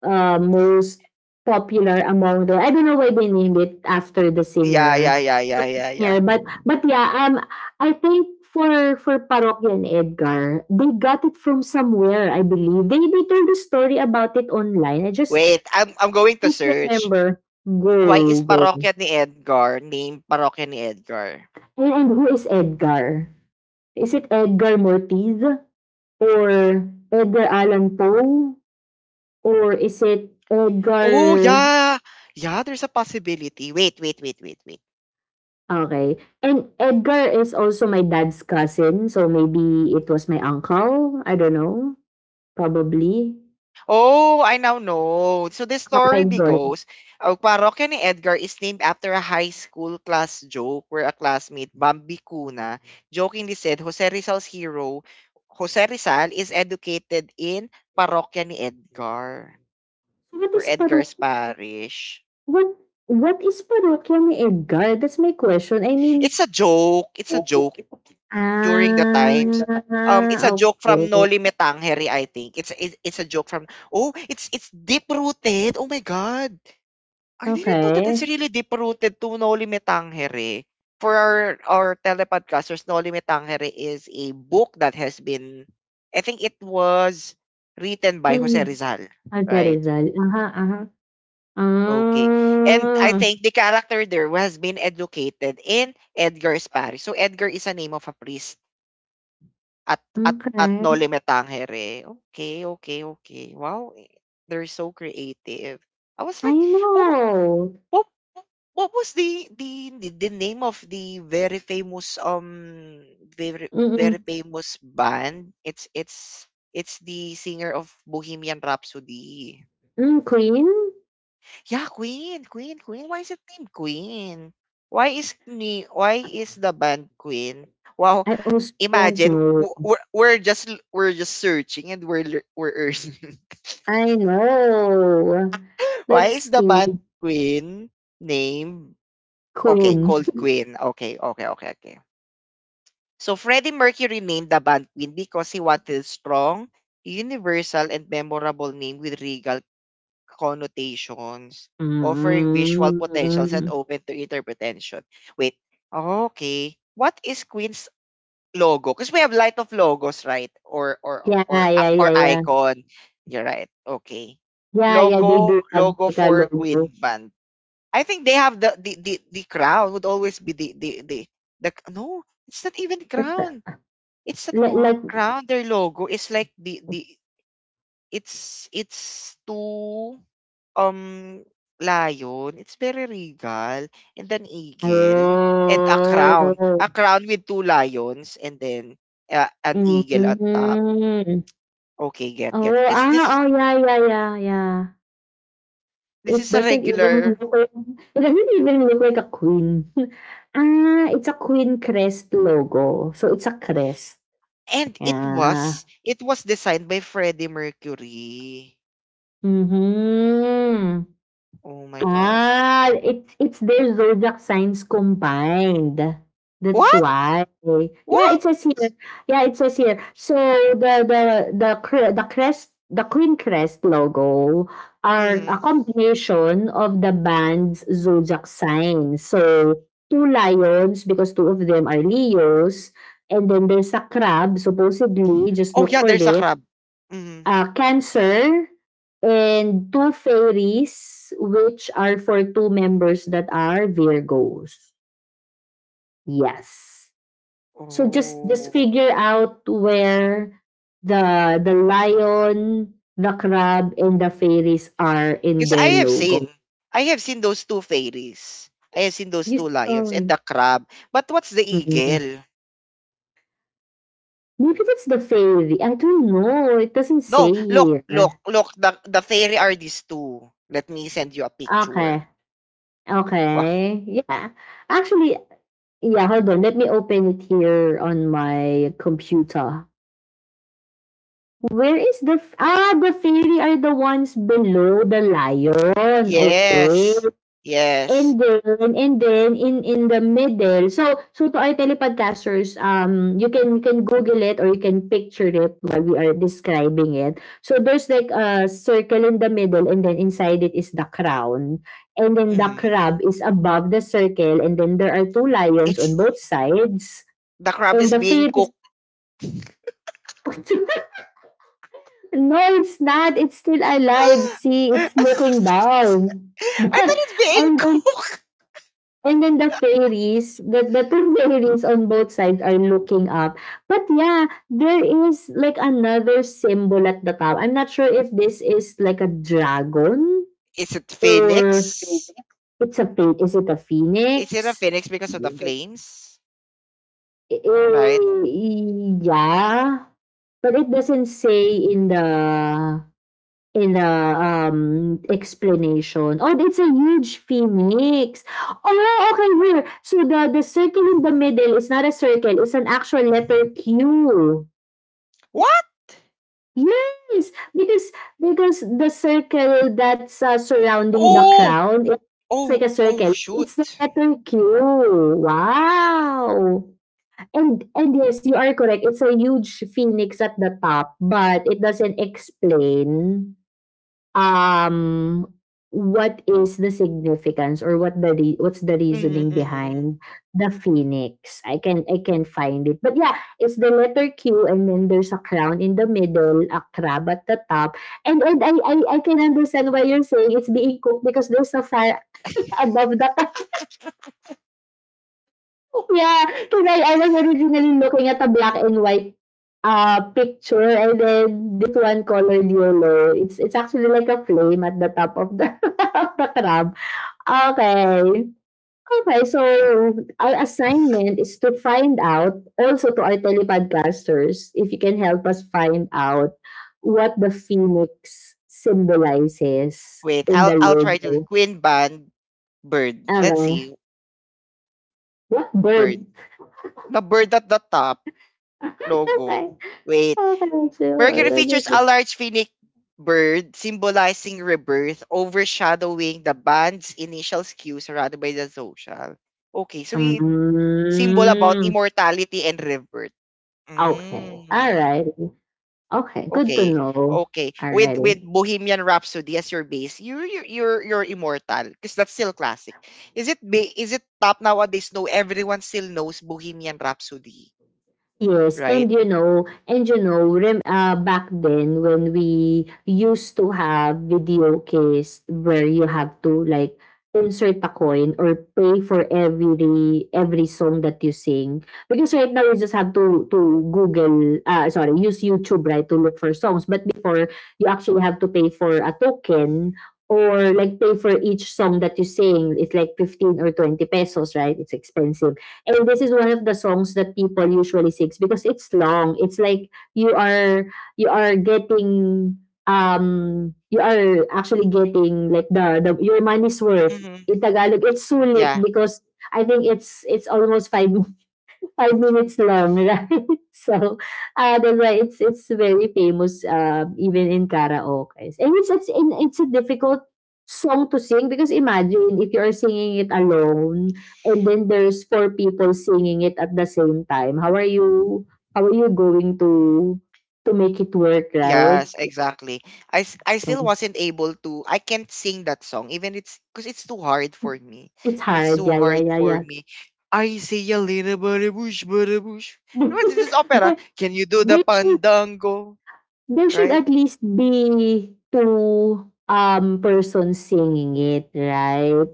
B: most popular among the. I don't know why they named it after the
A: Yeah,
B: singer.
A: yeah, yeah, yeah,
B: But
A: yeah, yeah.
B: yeah, but yeah, I think for Parokya and Edgar, they got it from somewhere. I believe they told the story about it online. I just
A: Wait, I'm going to
B: can't
A: search.
B: remember.
A: Why is
B: Go, go.
A: Parokya ni Edgar named Parokya ni Edgar?
B: And who is Edgar? Is it Edgar Mortiz? Or Edgar Allan Poe? Or is it
A: Oh,
B: Edgar...
A: yeah. Yeah, there's a possibility. Wait, wait, wait, wait, wait.
B: Okay. And Edgar is also my dad's cousin, so maybe it was my uncle. I don't know. Probably.
A: Oh, I now know. So the
B: Oh my
A: story be
B: God.
A: goes, Parokya ni Edgar is named after a high school class joke where a classmate, Bambi Cuna, jokingly said Jose Rizal's hero, Jose Rizal, is educated in Parokya ni Edgar,
B: So what
A: or
B: is paro?
A: Edgar's parish.
B: What, what is parokya ni Edgar? That's my question. I mean,
A: It's a joke. It's a joke during the times.
B: ah,
A: It's a joke from
B: okay.
A: Noli Me Tangere, I think. It's a joke from oh, it's deep rooted. Oh my god, I didn't know that it's
B: Okay.
A: really deep rooted to Noli Me Tangere. For our telepodcasters, Noli Me Tangere is a book that has been, I think it was, written by Jose
B: Mm,
A: Rizal, right?
B: Alperizal. Uh-huh, uh-huh.
A: Okay. And I
B: Ah,
A: think the character there has been educated in Edgar's Paris. So Edgar is a name of a priest at
B: okay.
A: Noli Me Tangere. Okay, okay, okay. Wow, eh, they're so creative. I was like,
B: I
A: what wa-
B: know.
A: what what was the name of the very famous very, very
B: Mm-mm.
A: famous band? It's it's the singer of Bohemian Rhapsody.
B: Mm, hmm, Queen?
A: Yeah, Queen, Queen, Queen. Why is it named Queen? Why is the band Queen? Wow,
B: I also don't
A: imagine
B: know.
A: we're just searching and we're earning.
B: I know.
A: Why
B: Let's
A: is the
B: see.
A: band Queen name okay,
B: Queen.
A: called Queen. Okay, okay, okay, okay. So Freddie Mercury named the band Queen because he wanted a strong, universal and memorable name with regal connotations, offering visual potentials and
B: Mm.
A: open to interpretation. Wait, okay. What is Queen's logo? Because we have light of logos, right? Or
B: Yeah, yeah,
A: or
B: yeah, yeah.
A: icon. You're right. Okay.
B: Yeah, yeah, they do have
A: Logo
B: like a
A: for
B: logo.
A: Queen band. I think they have the crown would always be the no. It's not even
B: Like the
A: crown. It's not
B: like like
A: crown. Their logo is like the it's too um, lion, it's very regal, and an eagle, and a crown. A
B: oh.
A: crown with two lions, and then an
B: Hmm.
A: eagle at top. Okay, get, get.
B: Oh,
A: Because
B: ah, oh, yeah, yeah, yeah, yeah.
A: this
B: It
A: is a
B: doesn't even
A: regular,
B: look like it doesn't even look like a queen. Ah, it's a queen crest logo. So, it's a crest.
A: and
B: Yeah.
A: it was designed by Freddie Mercury.
B: Mhm.
A: Oh my God.
B: Ah, it's their zodiac signs combined. That's
A: What?
B: why. Yeah,
A: What?
B: it says here. Yeah, it says here. So the the crest, the Queen Crest logo are
A: Mm.
B: a combination of the band's zodiac signs. So two lions because two of them are Leos, and then there's a crab. Supposedly, just
A: Oh
B: look
A: yeah,
B: for
A: there's a
B: it
A: crab. Mm.
B: Cancer, and two fairies, which are for two members that are Virgos. Yes. So just just
A: Oh.
B: figure out where the lion, the crab, and the fairies are in
A: Because
B: their logo.
A: I have seen those two fairies. I have seen those
B: You
A: two
B: saw
A: lions and
B: it.
A: the crab. But what's the
B: Mm.
A: eagle?
B: Maybe that's the fairy. I don't know. It doesn't
A: No,
B: say
A: look, look,
B: here.
A: look. The fairy are these two. Let me send you a picture.
B: Okay.
A: Wow.
B: Okay. Yeah. Actually, yeah, hold on. Let me open it here on my computer. Where is the ah, the fairy are the ones below the lion. Okay.
A: Yes, yes.
B: And then in the middle. So to our telepodcasters, you can google it or you can picture it while we are describing it. So there's like a circle in the middle and then inside it is the crown. And then the
A: Mhm.
B: crab is above the circle and then there are two lions
A: It's
B: on both sides.
A: The crab
B: And
A: is
B: the
A: being
B: fear is
A: cooked.
B: no, it's not. It's still alive. See,
A: I
B: it's looking down.
A: thought it's being
B: And then
A: cooked.
B: and then the fairies, the two fairies on both sides are looking up. But yeah, there is like another symbol at the top. I'm not sure if this is like a dragon
A: Is it
B: or
A: phoenix?
B: it's a is it a
A: Is it a
B: phoenix?
A: phoenix because of the flames? Right?
B: Eh, yeah, but it doesn't say in the, explanation. Oh, it's a huge phoenix. Oh, okay, here. So the circle in the middle is not a circle, it's an actual letter Q.
A: What?
B: Yes, because because the circle that's, surrounding the
A: Oh,
B: crown, it's like
A: oh,
B: a
A: oh,
B: circle.
A: shoot.
B: It's the letter Q. Wow! And yes, you are correct. It's a huge phoenix at the top, but it doesn't explain um, what is the significance or what the what's the
A: Hmm,
B: reasoning
A: hmm.
B: behind the phoenix? I can find it. But yeah, it's the letter Q and then there's a crown in the middle, a crab at the top. And I can understand why you're saying it's being cooked because there's a fire above the yeah, because was originally looking at a black and white picture and then this one colored yellow. It's actually like a flame at the top of the of the crab. Okay. Okay, so our assignment is to find out also to our telepodcasters if you can help us find out what the phoenix symbolizes
A: Wait,
B: in the
A: I'll try to
B: logo.
A: Queen Band Bird. Let's
B: Okay.
A: see.
B: What
A: Bird.
B: bird
A: The bird at the top logo. Wait.
B: okay. Let's
A: Mercury features a large phoenix bird symbolizing rebirth, overshadowing the band's initial skew surrounded by the social. Okay, so it symbol about
B: mm,
A: immortality and rebirth.
B: okay. All
A: Mm.
B: righty. Okay. Good to
A: Okay.
B: know.
A: Okay.
B: All righty.
A: With Bohemian Rhapsody as your base, you're immortal because that's still classic. Is it is it top nowadays? No, everyone still knows Bohemian Rhapsody,
B: Yes,
A: right?
B: and you know, rem, back then when we used to have video case where you have to like insert a coin or pay for every every song that you sing because right now you just have to Google, sorry, use YouTube, right, to look for songs. But before you actually have to pay for a token or like pay for each song that you sing. It's like 15 or 20 pesos, right? It's expensive. And this is one of the songs that people usually sings because it's long. It's like you are getting you are actually getting like the your money's worth
A: Mm-hmm.
B: in Tagalog. It's sulit
A: Yeah.
B: because I think it's almost five 5 minutes long, right? So, that's why it's very famous, even in karaoke. And it's and it's a difficult song to sing because imagine if you are singing it alone and then there's four people singing it at the same time. How are you? How are you going to make it work, right?
A: Yes, exactly. I
B: So
A: still wasn't able to I can't sing that song, even it's because it's too hard for me.
B: it's
A: It's
B: hard.
A: too
B: Yeah, yeah,
A: hard
B: yeah,
A: for
B: yeah.
A: me. I say a little bit bush but bush. You This is this opera.
B: they,
A: Can you do the
B: they
A: pandango?
B: there should
A: Right?
B: at least be 2 persons singing it, right?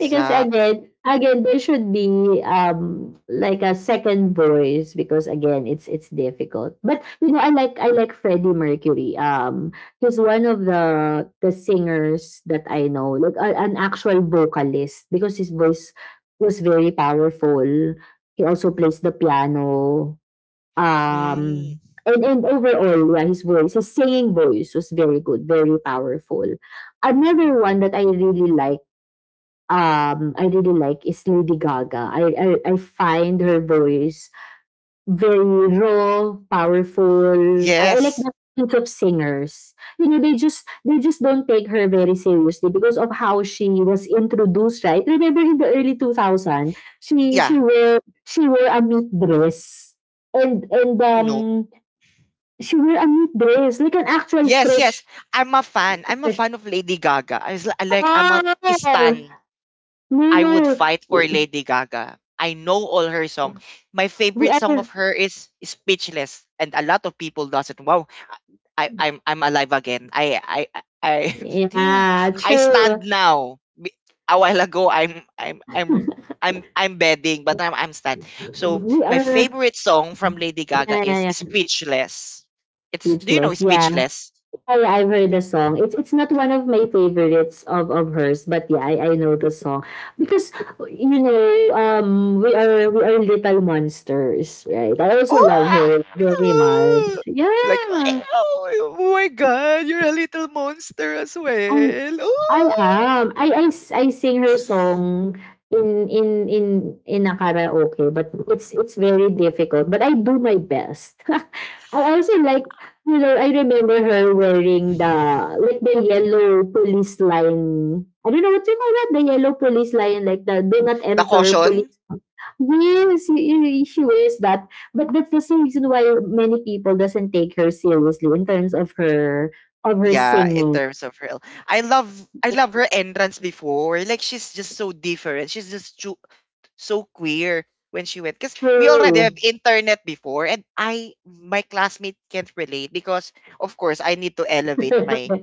B: Because again again, there should be, like a second voice because again, it's difficult. But, you know, I like Freddie Mercury. He's one of the singers that I know, like an actual vocalist because his voice was very powerful. He also plays the piano.
A: Mm,
B: Um, and overall, yeah, his voice, his singing voice was very good, very powerful. Another one that I really like is Lady Gaga. I find her voice very raw, powerful. I like
A: yes.
B: that kinds of singers. You know, they just don't take her very seriously because of how she was introduced, right? Remember in the early 2000, she
A: Yeah.
B: she wore she wore a meat dress. And and
A: No.
B: um she wear a meat dress, like an actual
A: Yes, yes.
B: fresh
A: I'm a fan. I'm a
B: fresh
A: fan of Lady Gaga. I was like I'm a
B: Oh,
A: stan.
B: no,
A: I would fight for
B: no.
A: Lady Gaga. I know all her song. My
B: We
A: favorite song
B: are
A: of her is Speechless, and a lot of people doesn't. Wow, I'm alive again. I I
B: Yeah,
A: I
B: true.
A: stand now. A while ago I'm bedding, but I'm stand. So
B: we
A: my
B: are
A: favorite song from Lady Gaga
B: Yeah,
A: is
B: yeah, yeah.
A: Speechless. It's Do you know
B: Speechless. Yeah.
A: Speechless?
B: I've heard the song. It's not one of my favorites of hers, but yeah, I know the song. Because you know, we are little monsters, right? I also love her very much.
A: Oh, like
B: Yeah.
A: oh my god, you're a little monster as
B: I,
A: well.
B: I
A: Oh,
B: am. I sing her song in in in in a karaoke, but it's very difficult, but I do my best. I also like, you know, I remember her wearing the yellow police line. I don't know what you call that, the yellow police line, like the do not
A: the
B: enter
A: caution.
B: police. Yes, she wears that. But that's the same reason why many people doesn't take her seriously in terms of her
A: Yeah, in
B: singing.
A: terms of her, I love her entrance before. Like she's just so different. She's just too, so queer when she went, because we already have
B: True.
A: internet before, and I my classmate can't relate, because of course I need to elevate my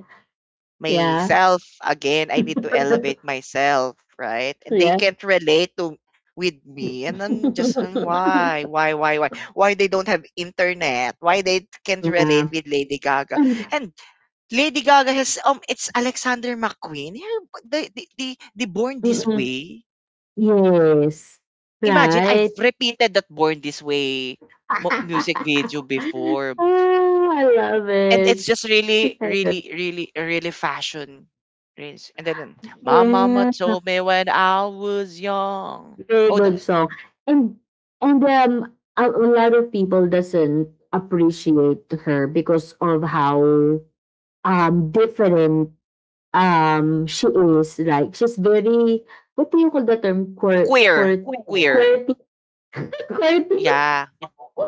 B: yeah.
A: myself again. I need to elevate myself, right? And they
B: yeah.
A: can't relate to with me. And then just why they don't have internet? Why they can't relate
B: yeah.
A: with Lady Gaga?
B: And-
A: And Lady Gaga has it's Alexander McQueen. The Born This
B: mm-mm.
A: Way.
B: Yes.
A: Imagine I've
B: Right.
A: repeated that Born This Way music video before.
B: Oh, I love
A: And
B: it.
A: it's just really,
B: like
A: really, really, really fashion. Rinse. And then my mama
B: Yeah.
A: told me when I was young.
B: Very
A: Oh,
B: good song. And and a lot of people doesn't appreciate her because of how different. She is like she's very, what do you call the term? Quir
A: queer.
B: quir
A: Queer.
B: quirky? Quirky?
A: Yeah.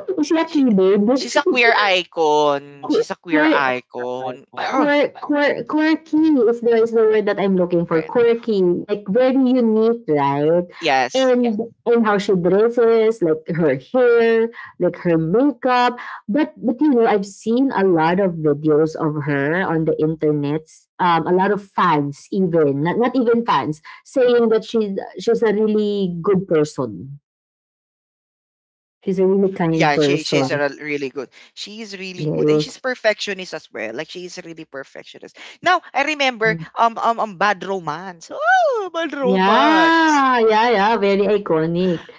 B: Is she a
A: She,
B: keyboard?
A: she's a queer icon.
B: Quir-
A: She's a queer
B: Right.
A: icon.
B: Quirky is the word that I'm looking for.
A: Right.
B: Quirky, like very unique, right?
A: Yes.
B: And how she dresses, like her hair, like her makeup. But you know, I've seen a lot of videos of her on the internet. A lot of fans, even not not even fans, saying that she's a really good person. She's a really kind
A: Yeah, she's a
B: person.
A: really good. She is really good, and
B: Yeah.
A: she's perfectionist as well. Like she is really perfectionist. Now I remember bad romance. Oh, bad romance.
B: Yeah, yeah, yeah, very iconic.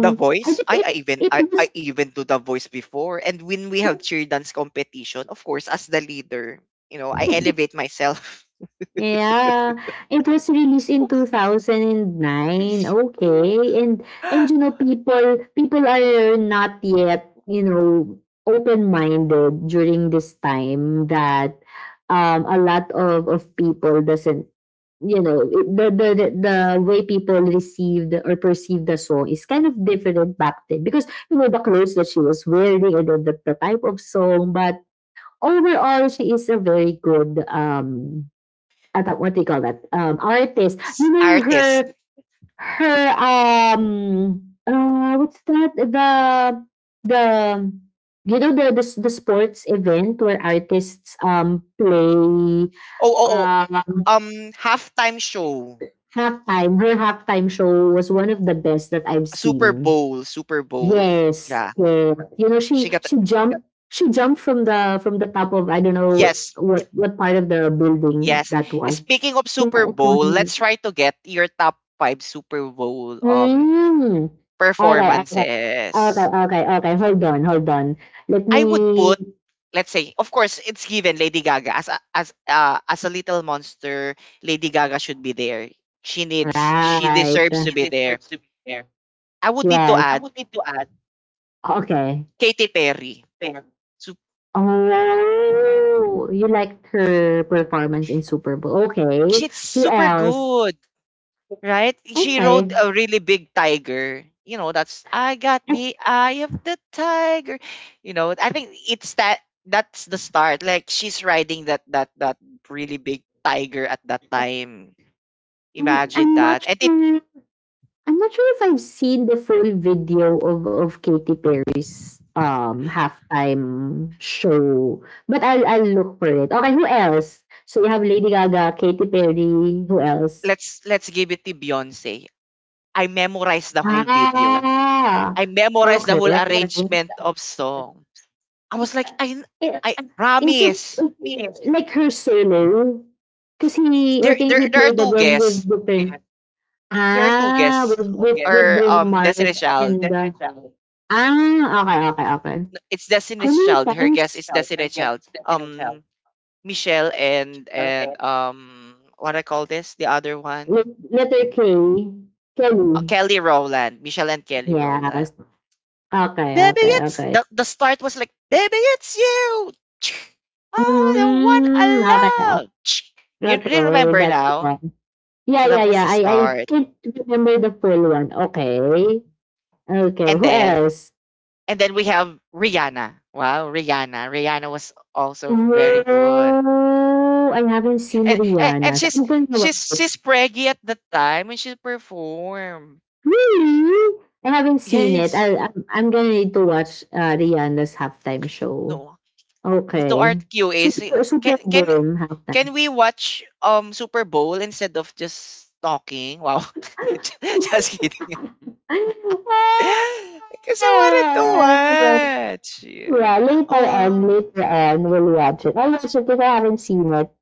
A: The
B: I
A: voice.
B: think it it
A: I
B: was
A: even do the voice before. And when we have cheer dance competition, of course, as the leader, you know, I elevate myself.
B: yeah, it was released in 2009. Okay. And you know, people people are not yet, you know, open-minded during this time that a lot of people doesn't, you know, the way people received or perceived the song is kind of different back then because you know the clothes that she was wearing, and then the type of song. But overall she is a very good, I, what do you call that, artist, you know,
A: Artist.
B: her her um what's that, the, the you know, the, the sports event where artists play.
A: Oh, oh, oh.
B: um
A: Halftime show.
B: Halftime. Her halftime show was one of the best that I've
A: Super
B: seen.
A: Bowl. Super Bowl.
B: Yes,
A: Yeah.
B: yeah. You know
A: She
B: she
A: got
B: she jumped she jumped from the top of, I don't know
A: Yes.
B: what part of the building
A: Yes.
B: that was.
A: Speaking of
B: Kaya
A: Super Bowl, let's
B: iconic.
A: try to get your top five Super Bowl
B: Mm. Okay, okay, okay,
A: performances.
B: okay, okay. Hold on, hold on. Let
A: I would
B: me.
A: put, let's say, of course, it's given Lady Gaga as a, as a little monster. Lady Gaga should be there. She
B: Right.
A: deserves to be there. I would need to
B: Yes.
A: add
B: Okay.
A: Katy Perry. So
B: Oh, you liked her performance in Super Bowl. Okay.
A: she's
B: Who
A: super
B: else?
A: good, right? She
B: Okay.
A: rode a really big tiger. You know, that's I got
B: I
A: the eye of the tiger. You know, I think it's that that's the start. Like she's riding that really big tiger at that time. Imagine
B: I'm not
A: that. And it
B: sure. I'm not sure if I've seen the full video of Katy Perry's halftime show, but I'll look for it. Okay, who else? So you have Lady Gaga, Katy Perry. Who else?
A: Let's give it to Beyonce. I memorized the whole video. I
B: Ah,
A: memorized the
B: okay.
A: whole arrangement
B: Okay.
A: of song. I was like, I
B: Eh,
A: I
B: is it
A: promise.
B: eh, like her solo? Because he, I
A: There
B: think
A: there
B: he
A: there are
B: played
A: two
B: again with
A: guests.
B: the pair.
A: There are two
B: Ah,
A: guests
B: with yes, with
A: or
B: Bruno Mars. Yes,
A: Destiny's Child.
B: and that's the right. Ah, okay, okay, okay.
A: It's
B: How
A: Destiny's
B: many
A: Child. Her
B: times,
A: guest is Destiny's Child. Michelle and what I call this the other one.
B: with letter K, Kelly?
A: Kelly Rowland. Michelle and Kelly Rowland.
B: Yes. Okay,
A: Baby,
B: okay,
A: it's
B: okay.
A: the start was like, Baby, it's you. Oh, the one
B: Mm, okay,
A: I love. You
B: okay,
A: remember
B: that
A: now?
B: one. Yeah,
A: So that
B: yeah,
A: was
B: yeah.
A: the
B: I
A: start.
B: can't remember the full one. Okay. Okay,
A: And
B: who
A: then
B: else?
A: and then we have Rihanna. Wow, Rihanna. Rihanna was also very good.
B: Oh, I haven't seen
A: And
B: Rihanna's.
A: she's
B: I'm going to watch
A: she's
B: it.
A: she's preggy at the time when she performed.
B: Really? I haven't seen it. i
A: Yes.
B: I'm, I'm gonna need to watch Rihanna's halftime show.
A: No. To our
B: Okay.
A: QAs,
B: Super,
A: can
B: Super
A: can
B: Bowl halftime.
A: can we watch Super Bowl instead of just talking? Wow. Just kidding. Because I wanted to watch. Yeah.
B: Yeah, later
A: Oh,
B: on,
A: um,
B: later on, we'll watch it. I'll watch it if I haven't seen it.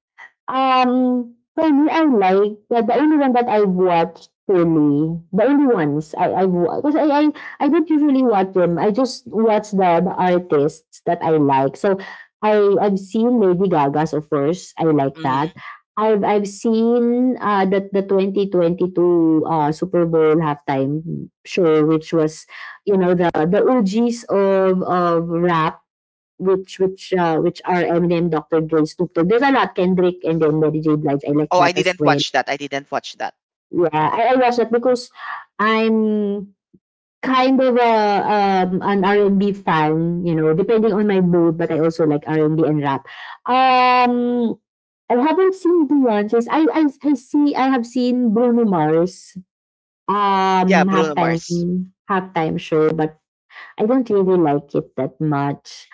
B: For me, I like the only one that I've watched, really, the only ones I've watched because I don't usually watch them. I just watch the artists that I like. So I've seen Lady Gaga's, of course. I like that.
A: mhm.
B: I've seen the 2022 Super Bowl halftime show, which was, you know, the OGs of rap, which are Eminem, Dr. Dre, Snoop Dogg. There's a lot, Kendrick and then Mary J. Blige. I like
A: Oh, I
B: that as
A: didn't
B: well.
A: watch that. I didn't watch that.
B: Yeah, I watch that because I'm kind of an R&B fan. You know, depending on my mood, but I also like R&B and B and rap. Um, I haven't seen Beyonce's. I see. I have seen Bruno Mars.
A: Yeah,
B: Um,
A: Bruno Mars.
B: halftime halftime show, but I don't really like it that much.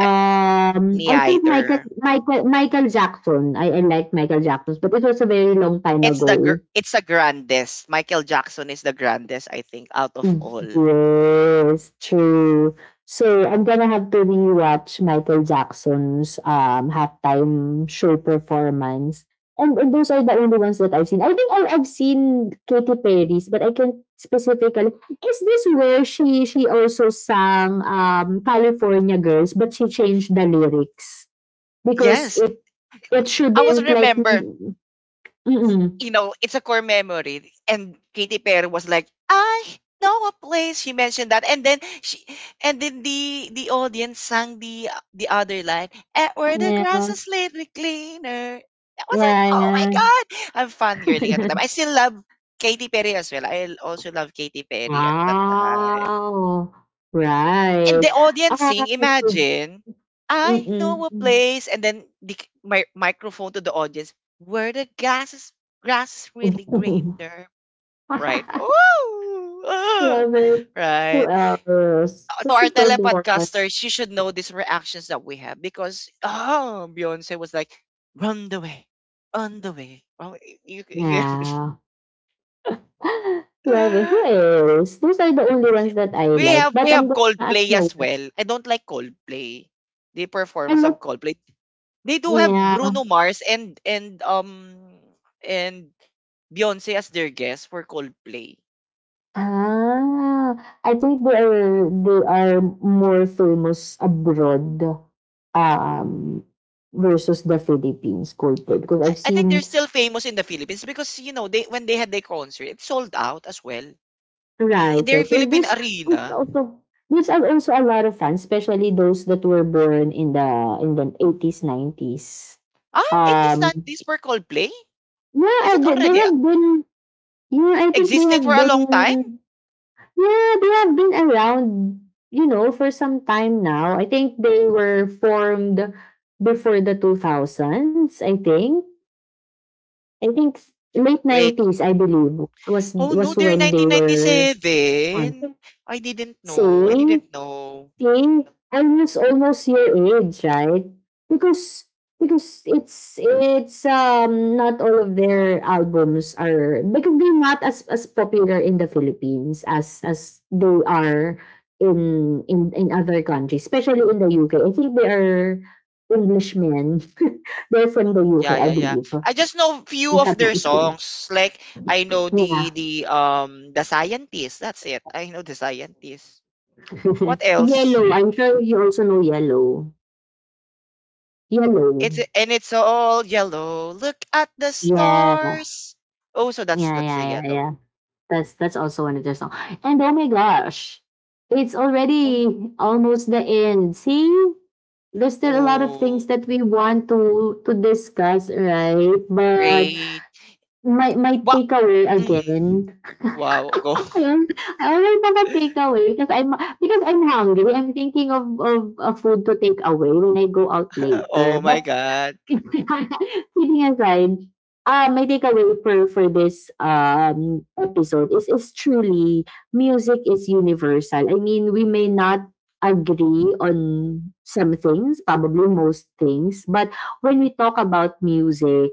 A: I, me
B: I think Michael
A: either.
B: Michael Michael Jackson. I like Michael Jackson, but it was a very long time
A: It's the
B: ago.
A: gr- it's the grandest. Michael Jackson is the grandest, I think, out of all.
B: Yes, true. So I'm gonna have to rewatch Michael Jackson's halftime show performance. And those are the only ones that I've seen. I think I've seen Katy Perry's, but I can't specifically. Is this where she also sang California Girls, but she changed the lyrics because
A: Yes,
B: it
A: I was
B: shouldn't, like.
A: remember.
B: Mm-mm.
A: You know, it's a core memory. And Katy Perry was like, I know a place. She mentioned that, and then the audience sang the other line, "Eh, where the grass
B: Yeah,
A: is slightly cleaner." I was like, oh my
B: yeah,
A: god, I'm fangirling at the
B: yeah.
A: time. I still love Katy Perry as well. I also love Katy Perry at that time.
B: Wow.
A: And the
B: Right.
A: audience
B: Ah,
A: sing,
B: ito.
A: imagine, I know a
B: Mm-mm.
A: place, and then the my microphone to the audience, where grass is really greener, right? Ooh, ah,
B: Love it. Who
A: right?
B: else?
A: To
B: That's a
A: our
B: good one.
A: telepodcasters, you should know these reactions that we have because, oh, Beyonce was like, run the way, on the way. Oh,
B: Yeah. Love it. Who else? Those are the only ones that I
A: we
B: like.
A: have we
B: But I'm
A: have
B: gonna, I
A: Coldplay as
B: know what.
A: well. I don't like Coldplay. The
B: I
A: performance
B: like,
A: of Coldplay. They do have
B: yeah.
A: Bruno Mars and Beyonce as their guests for Coldplay.
B: Ah, I think they are more famous abroad, um, versus the Philippines, cold food, because I've
A: I think they're
B: seen.
A: still famous in the Philippines because you know they when they had their concert, it sold out as well.
B: Right, right.
A: Their Philippine
B: There's there's
A: arena.
B: also a lot of fans, especially those that were born in the 80s, 90s.
A: Ah, it is not
B: Um,
A: this for Coldplay?
B: yeah,
A: Is it
B: they
A: already
B: have been. Yeah, I think they
A: existing
B: have
A: for a long time?
B: been. Yeah, they have been around. You know, for some time now. I think they were formed before the 2000s. I think late
A: Wait.
B: nineties. I believe was
A: Oh no,
B: was
A: they're
B: when they were on.
A: 1997. I didn't know. I
B: Same.
A: didn't know.
B: Think I was almost your age, right? Because because it's not all of their albums are, because they're not as popular in the Philippines as they are in in other countries, especially in the UK. I think they are Englishmen. They're from the
A: Yeah,
B: UK, I
A: yeah, yeah.
B: believe.
A: I just know few
B: If I'm
A: of
B: not
A: their
B: mistaken.
A: songs. Like I know
B: Yeah.
A: the scientist. That's it. I know the scientist. What else?
B: Yellow. I'm sure you also know yellow.
A: It's
B: Yellow.
A: and it's all yellow. Look at the
B: Yeah.
A: stars. Oh, so that's
B: Yeah,
A: that's
B: yeah,
A: the
B: yeah,
A: yellow.
B: yeah. That's also another song. And oh my gosh, it's
A: Oh,
B: already almost the end. See, there's still a lot of things
A: oh,
B: that we want to discuss, right? But
A: great.
B: my
A: Wow.
B: takeaway
A: Mhm.
B: again.
A: Wow. Go.
B: Ayun, I always mga takeaway because I'm hungry. I'm thinking of a food to take away when I go out
A: Oh
B: later.
A: my
B: But
A: God.
B: kidding aside, my takeaway for this episode is truly, music is universal. I mean, we may not agree on some things, probably most things, but when we talk about music,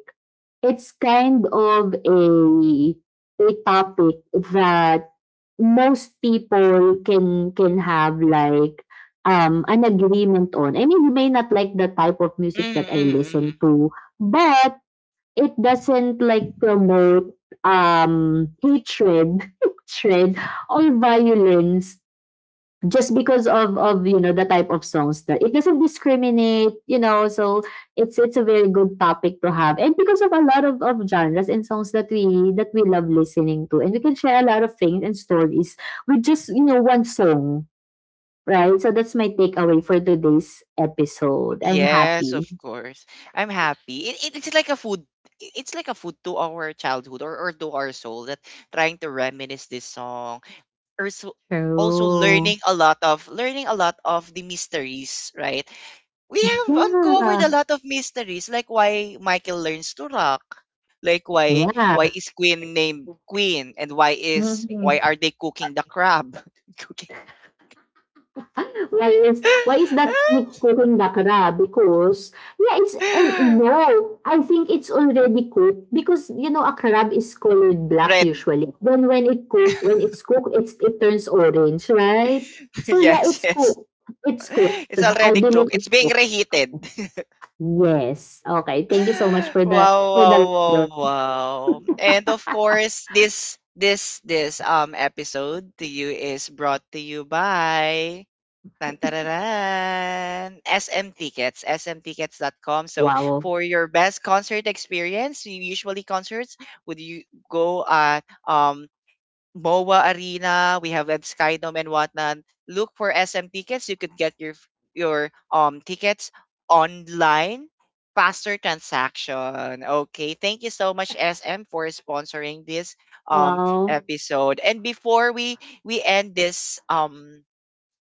B: it's kind of a topic that most people can have, like, an agreement on. I mean, you may not like the type of music that
A: Mm-hmm,
B: I
A: mm-hmm, mm-hmm.
B: listen to, but it doesn't like promote hatred, hatred or violence just because of you know, the type of songs, that it doesn't discriminate, you know. So it's a very good topic to have, and because of a lot of genres and songs that we love listening to, and we can share a lot of things and stories with just, you know, one song, right. So that's my takeaway for today's episode. I'm
A: Yes,
B: happy.
A: of course. I'm happy. It's like a food, to our childhood, or to our soul, that trying to reminisce this song or so, also
B: True.
A: learning a lot of, the mysteries, right? We have uncovered a
B: Yeah,
A: lot of mysteries, like why Michael learns to rock, like why
B: yeah.
A: is Queen named Queen, and why
B: Mhm.
A: are they cooking the crab? Cooking.
B: Why is that cooking bakara? Because yeah, it's, and no, I think it's already cooked, because you know a crab is colored black
A: Red.
B: usually. Then when it's cooked, it turns orange, right? So yeah,
A: Yes,
B: it's
A: yes.
B: cooked. It's cooked.
A: It's
B: I
A: already
B: believe
A: cooked. It's
B: it's
A: being
B: cooked.
A: reheated.
B: Yes. Okay. Thank you so much for the
A: Wow,
B: for
A: wow,
B: the
A: wow, wow. And of course, this episode to you is brought to you by SM Tickets, SM Tickets, dot com. So
B: wow.
A: for your best concert experience, you usually concerts would you go at um BOA Arena, we have at Skydome and whatnot. Look for SM tickets. You could get your tickets online. Faster transaction. Okay, thank you so much SM for sponsoring this um
B: Wow.
A: episode. And before we end this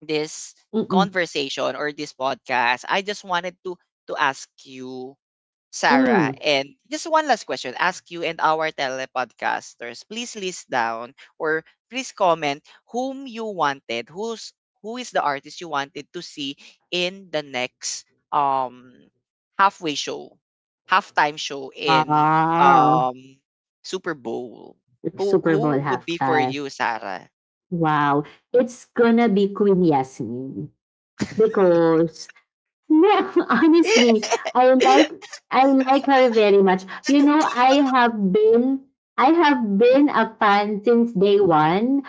A: this
B: Mm-mm.
A: conversation or this podcast, I just wanted to ask you, Sarah.
B: Mm.
A: And just one last question. Ask you and our telepodcasters, please list down or please comment whom you wanted, who's who is the artist you wanted to see in the next um halfway show, halftime show in
B: Wow.
A: um Super Bowl. Who
B: Super Bowl
A: who would be for
B: halftime.
A: you, Sarah?
B: Wow, it's gonna be Queen Yasmin because, no, honestly, I like I like her very much. You know, I have been a fan since day one.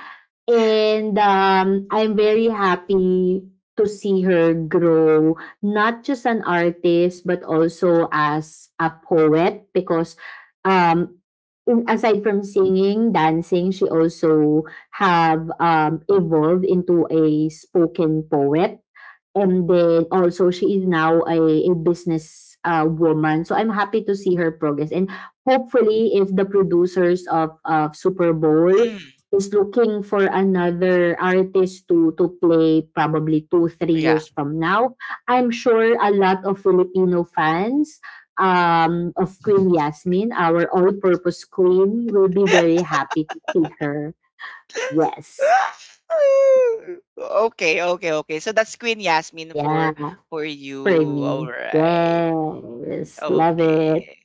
B: And I'm very happy to see her grow, not just an artist, but also as a poet, because, um, aside from singing, dancing, she also have, evolved into a spoken poet. And then also she is now a business, woman. So I'm happy to see her progress, and hopefully if the producers of Super Bowl is looking for another artist to play probably two three
A: Yeah.
B: years from now, I'm sure a lot of Filipino fans, of Queen Yasmin, our all-purpose queen, will be very happy to see her. Yes.
A: Okay, okay, okay. So that's Queen Yasmin for
B: Yeah.
A: you. All
B: Premium.
A: right.
B: Yes, love it.
A: Okay.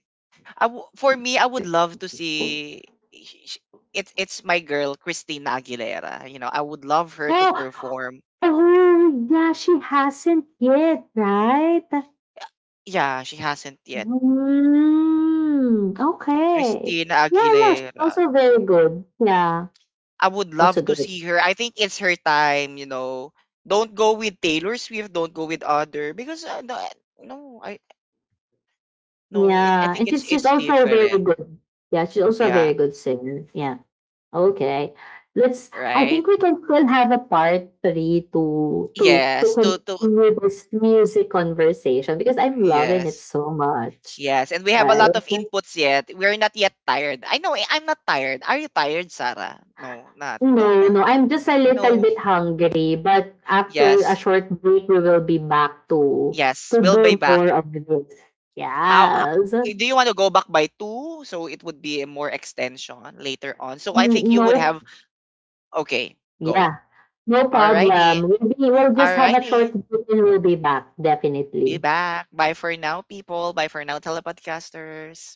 A: for me, I would love to see, sh- it's my girl Christina Aguilera. You know, I would love her to
B: Oh,
A: perform.
B: oh yeah, she hasn't yet, right?
A: Yeah, she hasn't yet.
B: Hmm. Okay.
A: Christina
B: Yeah, yeah, she's also
A: Aguilera.
B: very good. Yeah,
A: I would
B: also
A: love to
B: good.
A: see her. I think it's her time, you know. Don't go with Taylor Swift, don't go with other because no, no, I no, it, I
B: Yeah,
A: think
B: and
A: it's
B: she's
A: it's
B: also very
A: different.
B: good. Yeah, she's also a
A: Yeah,
B: very good singer. Yeah. Okay. Let's, I think
A: right?
B: we can still have a part three to
A: Yes, to
B: continue this music conversation because I'm loving it
A: yes.
B: so much.
A: Yes, and we have a
B: Right?
A: lot of inputs yet. We're not yet tired. I know I'm not tired. Are you tired, Sarah? No, not. No,
B: No,
A: no.
B: no, I'm just a
A: No.
B: little bit hungry, but after a
A: Yes.
B: short break we will be back to
A: Yes,
B: to
A: we'll be
B: do
A: back.
B: more of this.
A: How
B: Yes.
A: do you want to go back by two, so it would be a more extension later on. So I think you would
B: No.
A: have okay, go.
B: Yeah, no
A: Alrighty.
B: problem. We'll just have a short
A: Alrighty.
B: break and we'll be back,
A: Be
B: definitely.
A: back. Bye for now, people. Bye for now, telepodcasters.